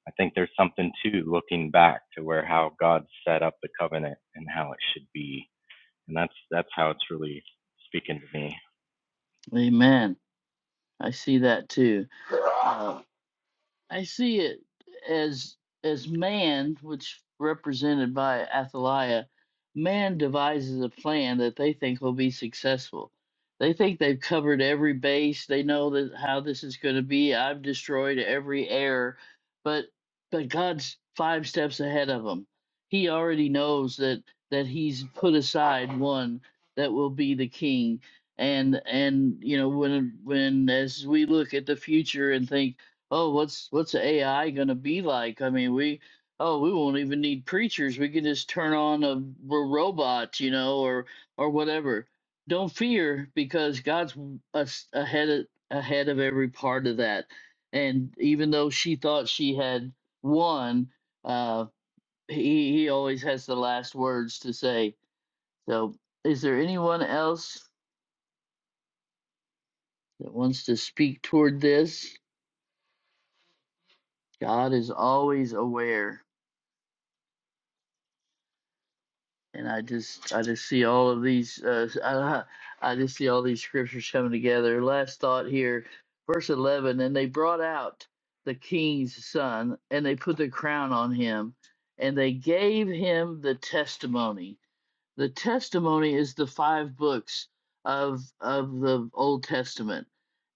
[SPEAKER 6] I think there's something too looking back to where how God set up the covenant and how it should be. And that's that's how it's really speaking to me.
[SPEAKER 1] Amen. I see that too. Uh, I see it as as man, which represented by Athaliah, man devises a plan that they think will be successful. They think they've covered every base. They know that how this is going to be. I've destroyed every error, but but God's five steps ahead of them. He already knows that that He's put aside one that will be the king. And and you know when when as we look at the future and think oh what's what's ai going to be like i mean we oh we won't even need preachers we can just turn on a, r- robot you know or or whatever don't fear because god's w- us- ahead of, ahead of every part of that and even though she thought she had won uh he he always has the last words to say so is there anyone else that wants to speak toward this god is always aware and I just I just see all of these uh, I, I just see all these scriptures coming together. Last thought here, verse eleven, and they brought out the king's son, and they put the crown on him, and they gave him the testimony the testimony is the five books of of the Old Testament,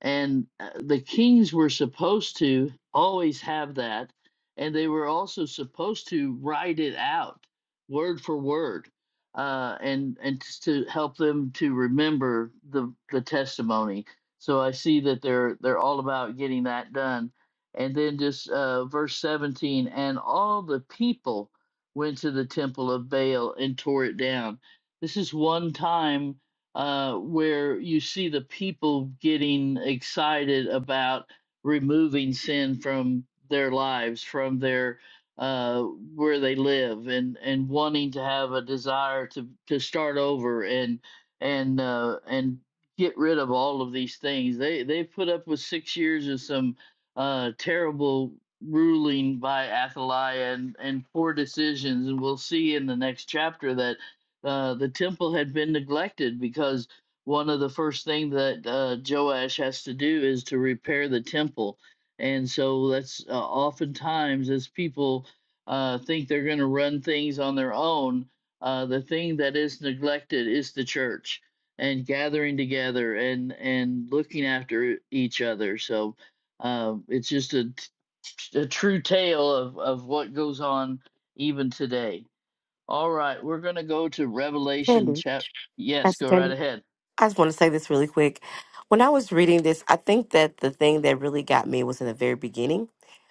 [SPEAKER 1] and uh, the kings were supposed to always have that, and they were also supposed to write it out word for word, uh, and and to help them to remember the the testimony. So I see that they're they're all about getting that done, and then just uh, verse seventeen, and all the people went to the temple of Baal and tore it down. This is one time uh, where you see the people getting excited about removing sin from their lives, from their uh, where they live, and and wanting to have a desire to to start over and and uh, and get rid of all of these things. They they put up with six years of some uh, terrible ruling by Athaliah and, and poor decisions. And we'll see in the next chapter that uh, the temple had been neglected because one of the first things that uh, Joash has to do is to repair the temple. And so that's uh, oftentimes as people uh, think they're going to run things on their own, uh, the thing that is neglected is the church and gathering together and and looking after each other. So um, it's just a, t- a true tale of, of what goes on even today. All right, we're going to go to Revelation
[SPEAKER 4] Candy.
[SPEAKER 1] chap. Yes,
[SPEAKER 4] Pastor
[SPEAKER 1] go right
[SPEAKER 4] Candy.
[SPEAKER 1] ahead.
[SPEAKER 4] I just want to say this really quick. When I was reading this, I think that the thing that really got me was in the very beginning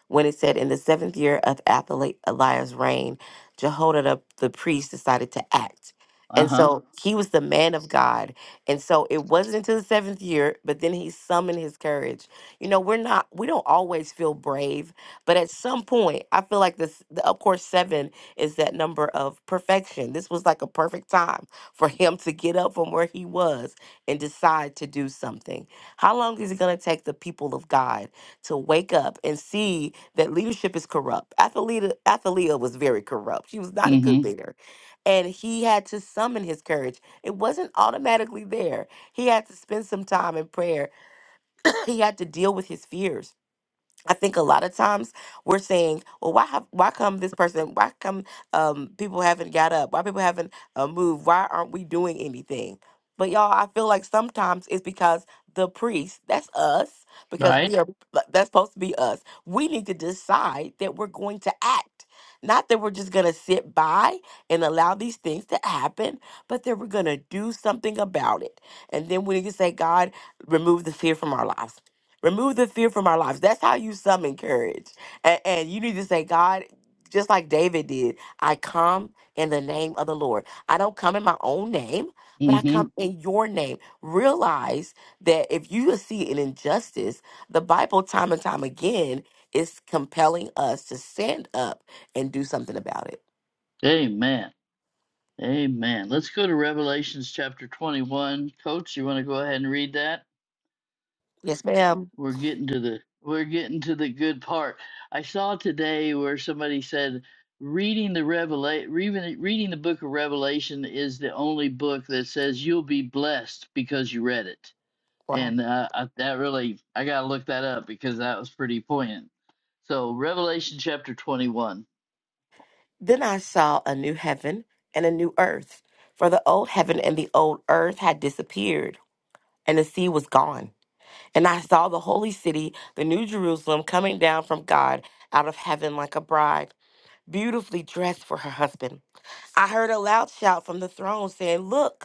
[SPEAKER 4] when it said, In the seventh year of Athali- Eliah's reign, Jehoiada the priest decided to act.
[SPEAKER 1] Uh
[SPEAKER 4] And
[SPEAKER 1] huh.
[SPEAKER 4] so Mhm. he was the man of God. And so it wasn't until the seventh year, but then he summoned his courage. You know, we're not, we don't always feel brave, but at some point, I feel like this, the, of course, seven is that number of perfection. This was like a perfect time for him to get up from where he was and decide to do something? How long is it going to take the people of God to wake up and see that leadership is corrupt? Athalita, Athalia was very corrupt. She was not a
[SPEAKER 1] Mm
[SPEAKER 4] good
[SPEAKER 1] hmm.
[SPEAKER 4] leader. And he had to summon his courage. It wasn't automatically there. He had to spend some time in prayer. he had to deal with his fears I think a lot of times we're saying, well, why have, why come this person? Why come um, people haven't got up? Why people haven't uh, moved? Why aren't we doing anything? But y'all, I feel like sometimes it's because the priest, that's us, because
[SPEAKER 1] Right?
[SPEAKER 4] we are, like, that's supposed to be us. We need to decide that we're going to act. Not that we're just going to sit by and allow these things to happen, but that we're going to do something about it. And then we need to say, God, remove the fear from our lives Remove the fear from our lives. That's how you summon courage. And, and you need to say, God, just like David did, I come in the name of the Lord. I don't come in my own name, but
[SPEAKER 1] Mm
[SPEAKER 4] I come
[SPEAKER 1] hmm.
[SPEAKER 4] in your name. Realize that if you see an injustice, the Bible, time and time again, is compelling us to stand up and do something about it.
[SPEAKER 1] Amen. Amen. Let's go to Revelations chapter 21. Coach, you want to go ahead and read that?
[SPEAKER 4] Yes, ma'am.
[SPEAKER 1] we're getting to the we're getting to the good part. I saw today where somebody said reading the revelation reading, reading the book of Revelation is the only book that says you'll be blessed because you read it.
[SPEAKER 4] Wow.
[SPEAKER 1] And uh, I, that really I got to look that up because that was pretty poignant. So Revelation chapter 21.
[SPEAKER 4] Then I saw a new heaven and a new earth, for the old heaven and the old earth had disappeared and the sea was gone. And I saw the holy city, the new Jerusalem, coming down from God out of heaven like a bride, beautifully dressed for her husband. I heard a loud shout from the throne saying, Look!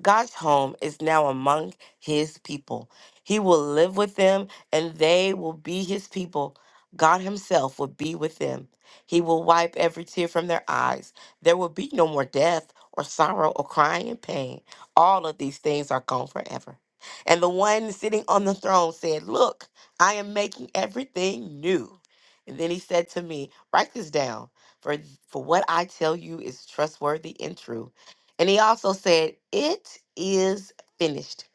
[SPEAKER 4] God's home is now among his people. He will live with them and they will be his people. God himself will be with them. He will wipe every tear from their eyes. There will be no more death or sorrow or crying and pain. All of these things are gone forever. And the one sitting on the throne said, Look, I am making everything new. And then he said to me, Write this down, for, for what I tell you is trustworthy and true. And he also said, It is finished.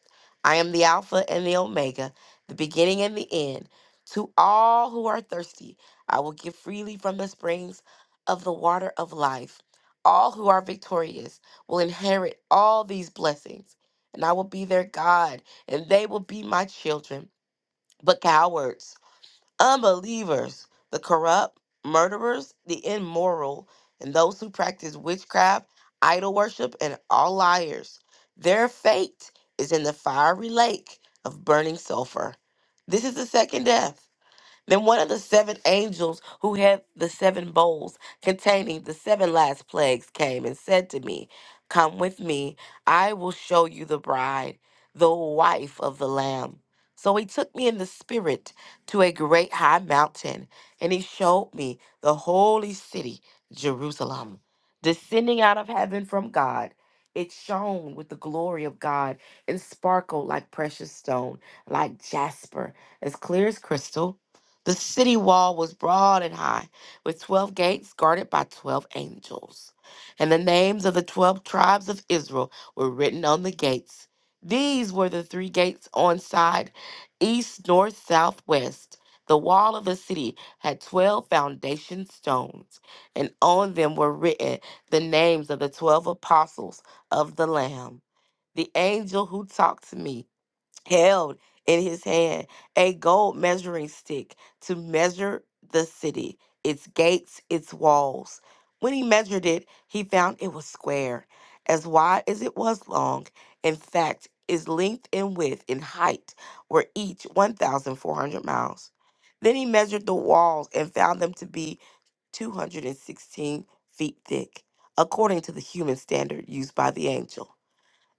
[SPEAKER 4] I am the Alpha and the Omega, the beginning and the end. To all who are thirsty, I will give freely from the springs of the water of life. All who are victorious will inherit all these blessings, and I will be their God, and they will be my children. But cowards, Unbelievers, the corrupt, murderers, the immoral, and those who practice witchcraft, idol worship, and all liars. Their fate is in the fiery lake of burning sulfur. This is the second death. Then one of the seven angels who had the seven bowls containing the seven last plagues came and said to me, Come with me, I will show you the bride, the wife of the Lamb. So he took me in the spirit to a great high mountain, and he showed me the holy city, Jerusalem, descending out of heaven from God. It shone with the glory of God and sparkled like precious stone, like jasper, as clear as crystal. The city wall was broad and high, with 12 gates guarded by 12 angels. And the names of the 12 tribes of Israel were written on the gates. These were the three gates on side east, north, south, west. The wall of the city had 12 foundation stones, and on them were written the names of the 12 apostles of the Lamb. The angel who talked to me held in his hand a gold measuring stick to measure the city, its gates, its walls. When he measured it, he found it was square, as wide as it was long. In fact, its length and width and height were each 1,400 miles. Then he measured the walls and found them to be 216 feet thick, according to the human standard used by the angel.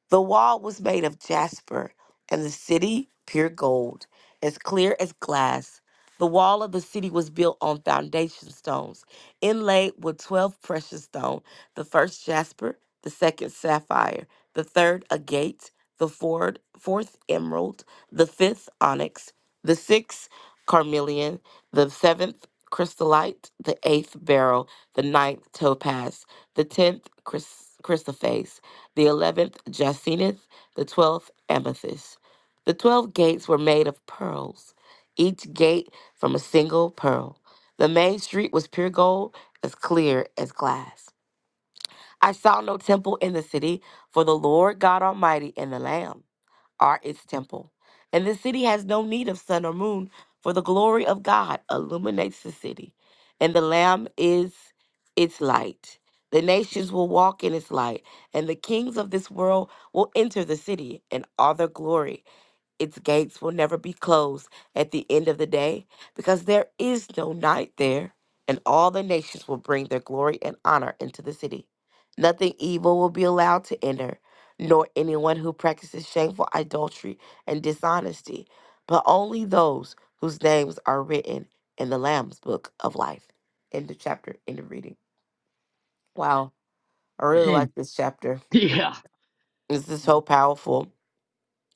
[SPEAKER 4] The wall was made of jasper, and the city pure gold, as clear as glass. The wall of the city was built on foundation stones, inlaid with 12 precious stones the first jasper, the second sapphire, the third agate, the fourth, fourth emerald, the fifth onyx, the sixth carmelian, the seventh chrysolite, the eighth beryl, the ninth topaz, the tenth chrys- chrysoprase the eleventh jacinth, the twelfth amethyst. The twelve gates were made of pearls, each gate from a single pearl. The main street was pure gold, as clear as glass. I saw no temple in the city, for the Lord God Almighty and the Lamb are its temple. And the city has no need of sun or moon, for the glory of God illuminates the city, and the Lamb is its light. The nations will walk in its light, and the kings of this world will enter the city in all their glory. Its gates will never be closed at the end of the day, because there is no night there, and all the nations will bring their glory and honor into the city. Nothing evil will be allowed to enter, nor anyone who practices shameful adultery and dishonesty, but only those whose names are written in the Lamb's book of life. End of chapter, end of reading. Wow, I really
[SPEAKER 1] Hey,
[SPEAKER 4] like this chapter.
[SPEAKER 1] yeah.
[SPEAKER 4] This is so powerful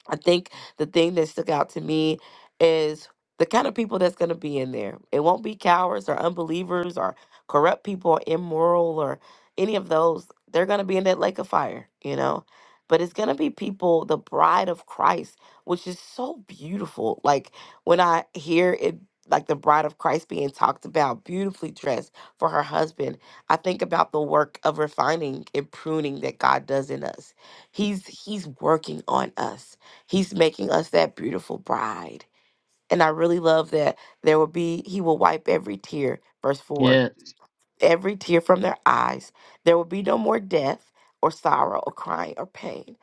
[SPEAKER 4] I think the thing that stuck out to me is the kind of people that's going to be in there. It won't be cowards or unbelievers or corrupt people or immoral or any of those. They're going to be in that lake of fire, you know? But it's going to be people, the bride of Christ, which is so beautiful. Like when I hear it, like the bride of Christ being talked about, beautifully dressed for her husband, I think about the work of refining and pruning that God does in us. He's he's working on us He's making us that beautiful bride. And I really love that there will be, he will wipe every tear, verse 4,
[SPEAKER 1] Yeah.
[SPEAKER 4] every tear from their eyes. There will be no more death or sorrow or crying or pain.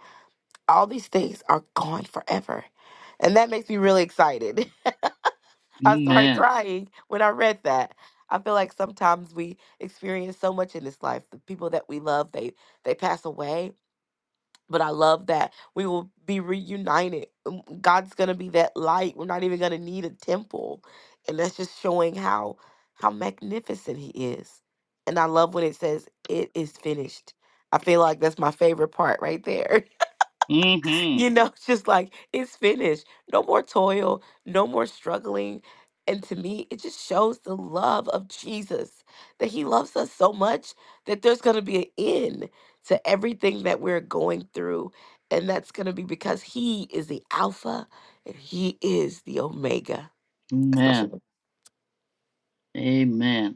[SPEAKER 4] All these things are gone forever. And that makes me really excited. I started
[SPEAKER 1] Man.
[SPEAKER 4] crying when I read that. I feel like sometimes we experience so much in this life. The people that we love, they they pass away but I love that we will be reunited. Um, God's gonna be that light. We're not even gonna need a temple, and that's just showing how how magnificent He is. And I love when it says, "It is finished." I feel like that's my favorite part right there.
[SPEAKER 1] Mhm.
[SPEAKER 4] You know, just like it's finished. No more toil, no more struggling. And to me, it just shows the love of Jesus that he loves us so much that there's going to be an end to everything that we're going through. And that's going to be because he is the Alpha and he is the Omega. That's my share.
[SPEAKER 1] Man. Amen.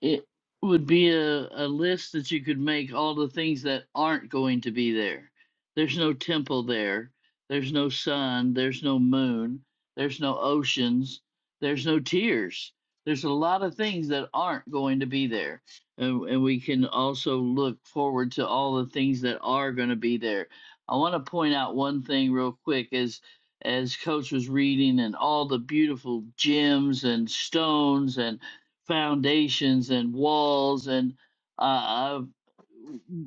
[SPEAKER 1] It would be a, a list that you could make all the things that aren't going to be there. There's no temple there. There's no sun. There's no moon. There's no oceans. There's no tears. There's a lot of things that aren't going to be there. And, and we can also look forward to all the things that are going to be there. I want to point out one thing real quick as as coach was reading and all the beautiful gems and stones and foundations and walls and uh, I've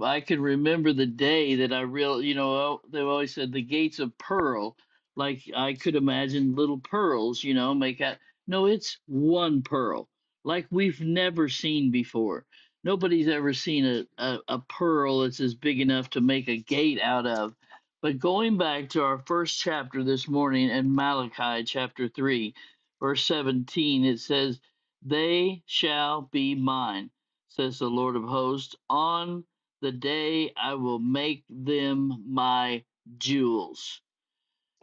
[SPEAKER 1] I can remember the day that I real, you know, they always said the gates of pearl. Like I could imagine little pearls, you know, make out. No, it's one pearl, like we've never seen before. Nobody's ever seen a, a, a pearl that's as big enough to make a gate out of. But going back to our first chapter this morning in Malachi chapter 3, verse 17, it says, they shall be mine, says the Lord of hosts. On the day I will make them my jewels.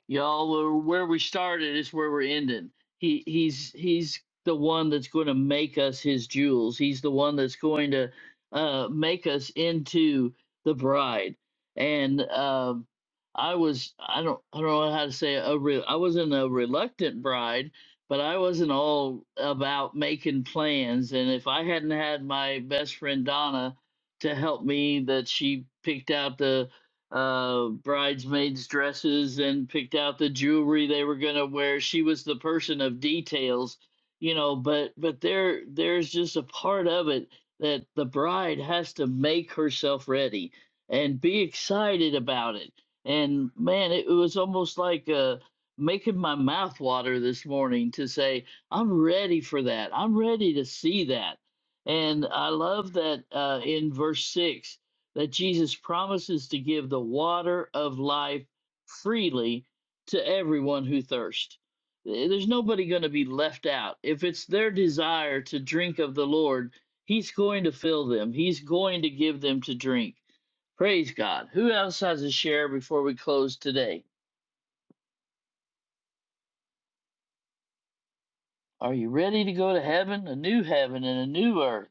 [SPEAKER 1] Y'all are where we started is where we're ending. He he's he's the one that's going to make us his jewels. He's the one that's going to uh make us into the bride. And um I was I don't I don't know how to say it, a re, I wasn't a reluctant bride, but I wasn't all about making plans and if I hadn't had my best friend Donna to help me that she picked out the uh, bridesmaids' dresses and picked out the jewelry they were going to wear. She was the person of details, you know. But but there there's just a part of it that the bride has to make herself ready and be excited about it. And man, it, was almost like uh, making my mouth water this morning to say I'm ready for that. I'm ready to see that. And I love that uh, in verse six that Jesus promises to give the water of life freely to everyone who thirsts. There's nobody going to be left out. If it's their desire to drink of the Lord, He's going to fill them, He's going to give them to drink. Praise God. Who else has a share before we close today? Are you ready to go to heaven? A new heaven and a new earth.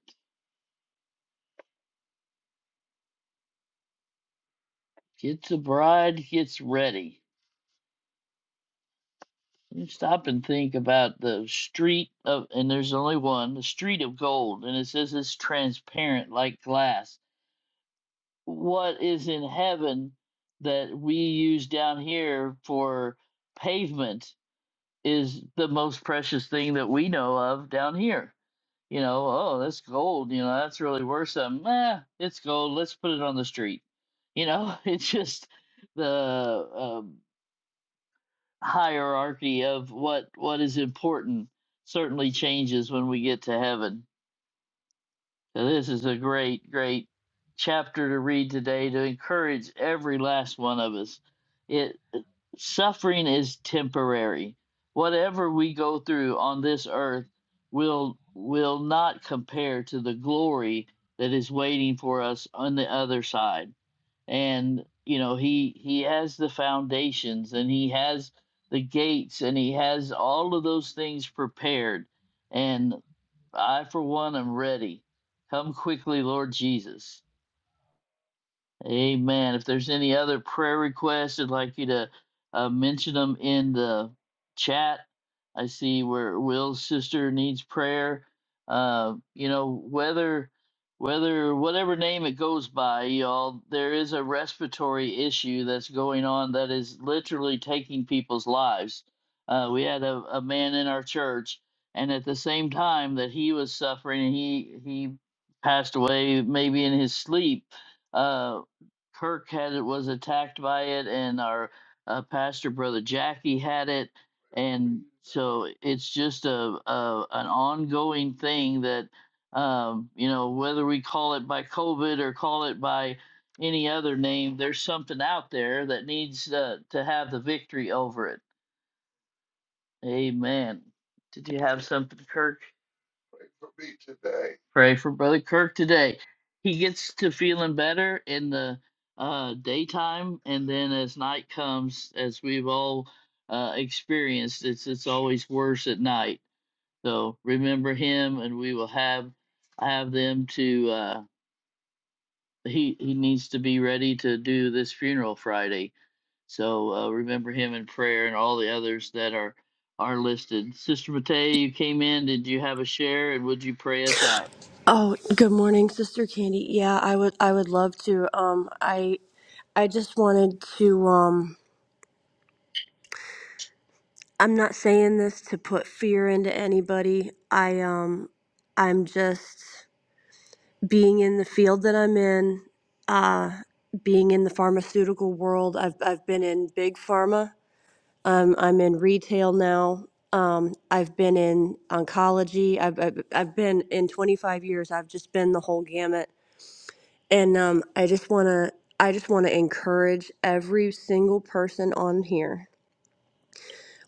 [SPEAKER 1] Get the bride gets ready. You stop and think about the street of, and there's only one, the street of gold, and it says it's transparent like glass. What is in heaven that we use down here for pavement is the most precious thing that we know of down here. You know, oh, that's gold. You know, that's really worth something. Eh, it's gold. Let's put it on the street. You know, it's just the um, hierarchy of what what is important certainly changes when we get to heaven. So this is a great great chapter to read today to encourage every last one of us. It uh, suffering is temporary. Whatever we go through on this earth will will not compare to the glory that is waiting for us on the other side and you know he he has the foundations and he has the gates and he has all of those things prepared and i for one am ready come quickly lord jesus Amen. If there's any other prayer requests, I'd like you to uh, mention them in the chat. I see where Will's sister needs prayer. Uh, you know, whether whether whatever name it goes by, y'all, there is a respiratory issue that's going on that is literally taking people's lives. Uh, we had a, a man in our church, and at the same time that he was suffering, he he passed away maybe in his sleep uh, Kirk had it was attacked by it, and our uh, pastor brother Jackie had it, and so it's just a, a an ongoing thing that um, you know whether we call it by COVID or call it by any other name, there's something out there that needs uh, to have the victory over it. Amen. Did you have something, Kirk? for me today. Pray for Brother Kirk today. He gets to feeling better in the uh, daytime, and then as night comes, as we've all uh, experienced, it's it's always worse at night. So remember him, and we will have have them to. Uh, he he needs to be ready to do this funeral Friday. So uh, remember him in prayer, and all the others that are are listed. Sister Matea, you came in. Did you have a share, and would you pray us out?
[SPEAKER 7] Oh, good morning, Sister Candy. Yeah, I would I would love to. Um I I just wanted to um I'm not saying this to put fear into anybody. I um I'm just being in the field that I'm in, uh being in the pharmaceutical world. I've I've been in big pharma. Um I'm in retail now. Um I've been in oncology. I've I've, I've been in 25 years. I've just been the whole gamut And um, I just want to I just want to encourage every single person on here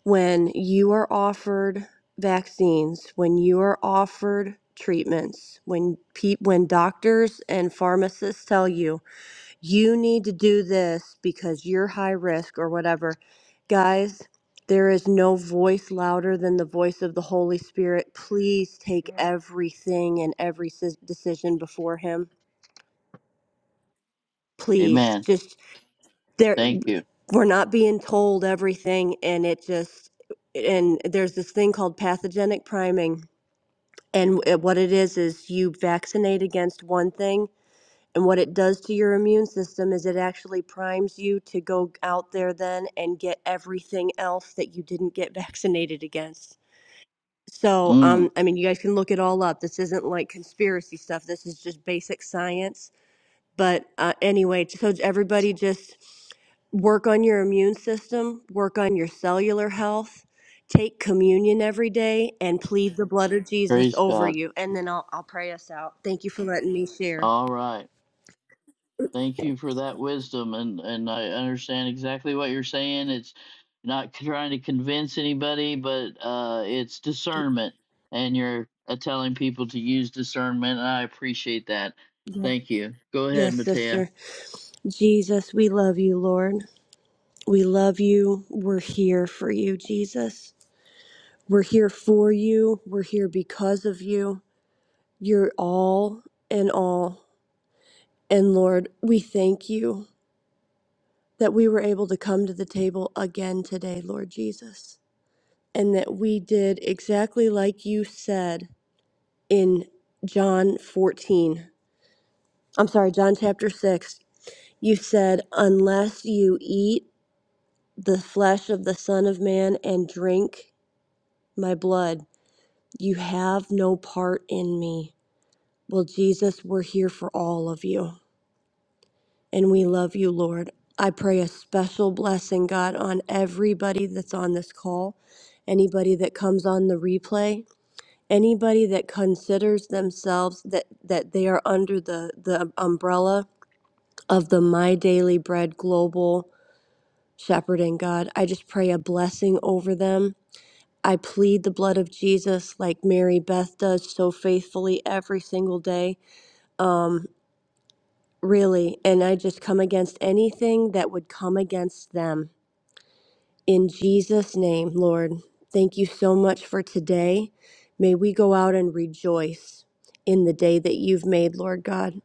[SPEAKER 7] when you are offered vaccines, when you are offered treatments, when pe- when doctors and pharmacists tell you you need to do this because you're high risk or whatever, guys, there is no voice louder than the voice of the Holy Spirit. Please take everything and every sis- decision before him please
[SPEAKER 1] Amen.
[SPEAKER 7] just there
[SPEAKER 1] Thank you.
[SPEAKER 7] we're not being told everything and it just and there's this thing called pathogenic priming and it- what it is is you vaccinate against one thing and what it does to your immune system is it actually primes you to go out there then and get everything else that you didn't get vaccinated against so
[SPEAKER 1] Mm,
[SPEAKER 7] um, i mean you guys can look it all up this isn't like conspiracy stuff this is just basic science but uh, anyway, so everybody just work on your immune system, work on your cellular health, take communion every day, and plead the blood of Jesus
[SPEAKER 1] praise
[SPEAKER 7] over
[SPEAKER 1] God.
[SPEAKER 7] you. And then I'll, I'll pray us out. Thank you for letting me share.
[SPEAKER 1] All right. Thank you for that wisdom, and and I understand exactly what you're saying. It's not trying to convince anybody, but uh, it's discernment, and you're uh, telling people to use discernment. And I appreciate that.
[SPEAKER 7] Yeah.
[SPEAKER 1] Thank you. Go ahead,
[SPEAKER 7] Yes,
[SPEAKER 1] Matea.
[SPEAKER 7] sister. Jesus, we love you, Lord. We love you. We're here for you, Jesus. We're here for you. We're here because of you. You're all and all. And Lord, we thank you. that we were able to come to the table again today, Lord Jesus, and that we did exactly like you said in John 14. I'm sorry, John chapter 6. You said, Unless you eat the flesh of the Son of Man and drink my blood, you have no part in me. Well, Jesus, we're here for all of you. and we love you, Lord. I pray a special blessing, God, on everybody that's on this call, anybody that comes on the replay, anybody that considers themselves that, that they are under the, the umbrella of the My Daily Bread Global Shepherding, God. I just pray a blessing over them. I plead the blood of Jesus like Mary Beth does so faithfully every single day. Um, really. And I just come against anything that would come against them. In Jesus' name, Lord, thank you so much for today. May we go out and rejoice in the day that you've made, Lord God.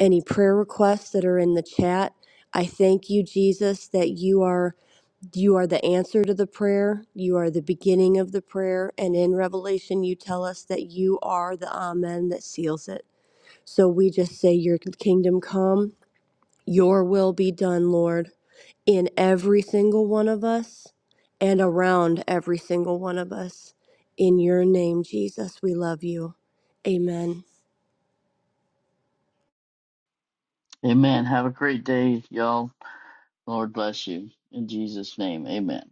[SPEAKER 7] Any prayer requests that are in the chat, I thank you, Jesus, that you are you are the answer to the prayer. You are the beginning of the prayer, and in Revelation you tell us that you are the amen that seals it. So we just say your kingdom come your will be done, Lord, in every single one of us and around every single one of us. In your name, Jesus, we love you. Amen.
[SPEAKER 1] Amen. Have a great day, y'all. Lord bless you. In Jesus' name, amen.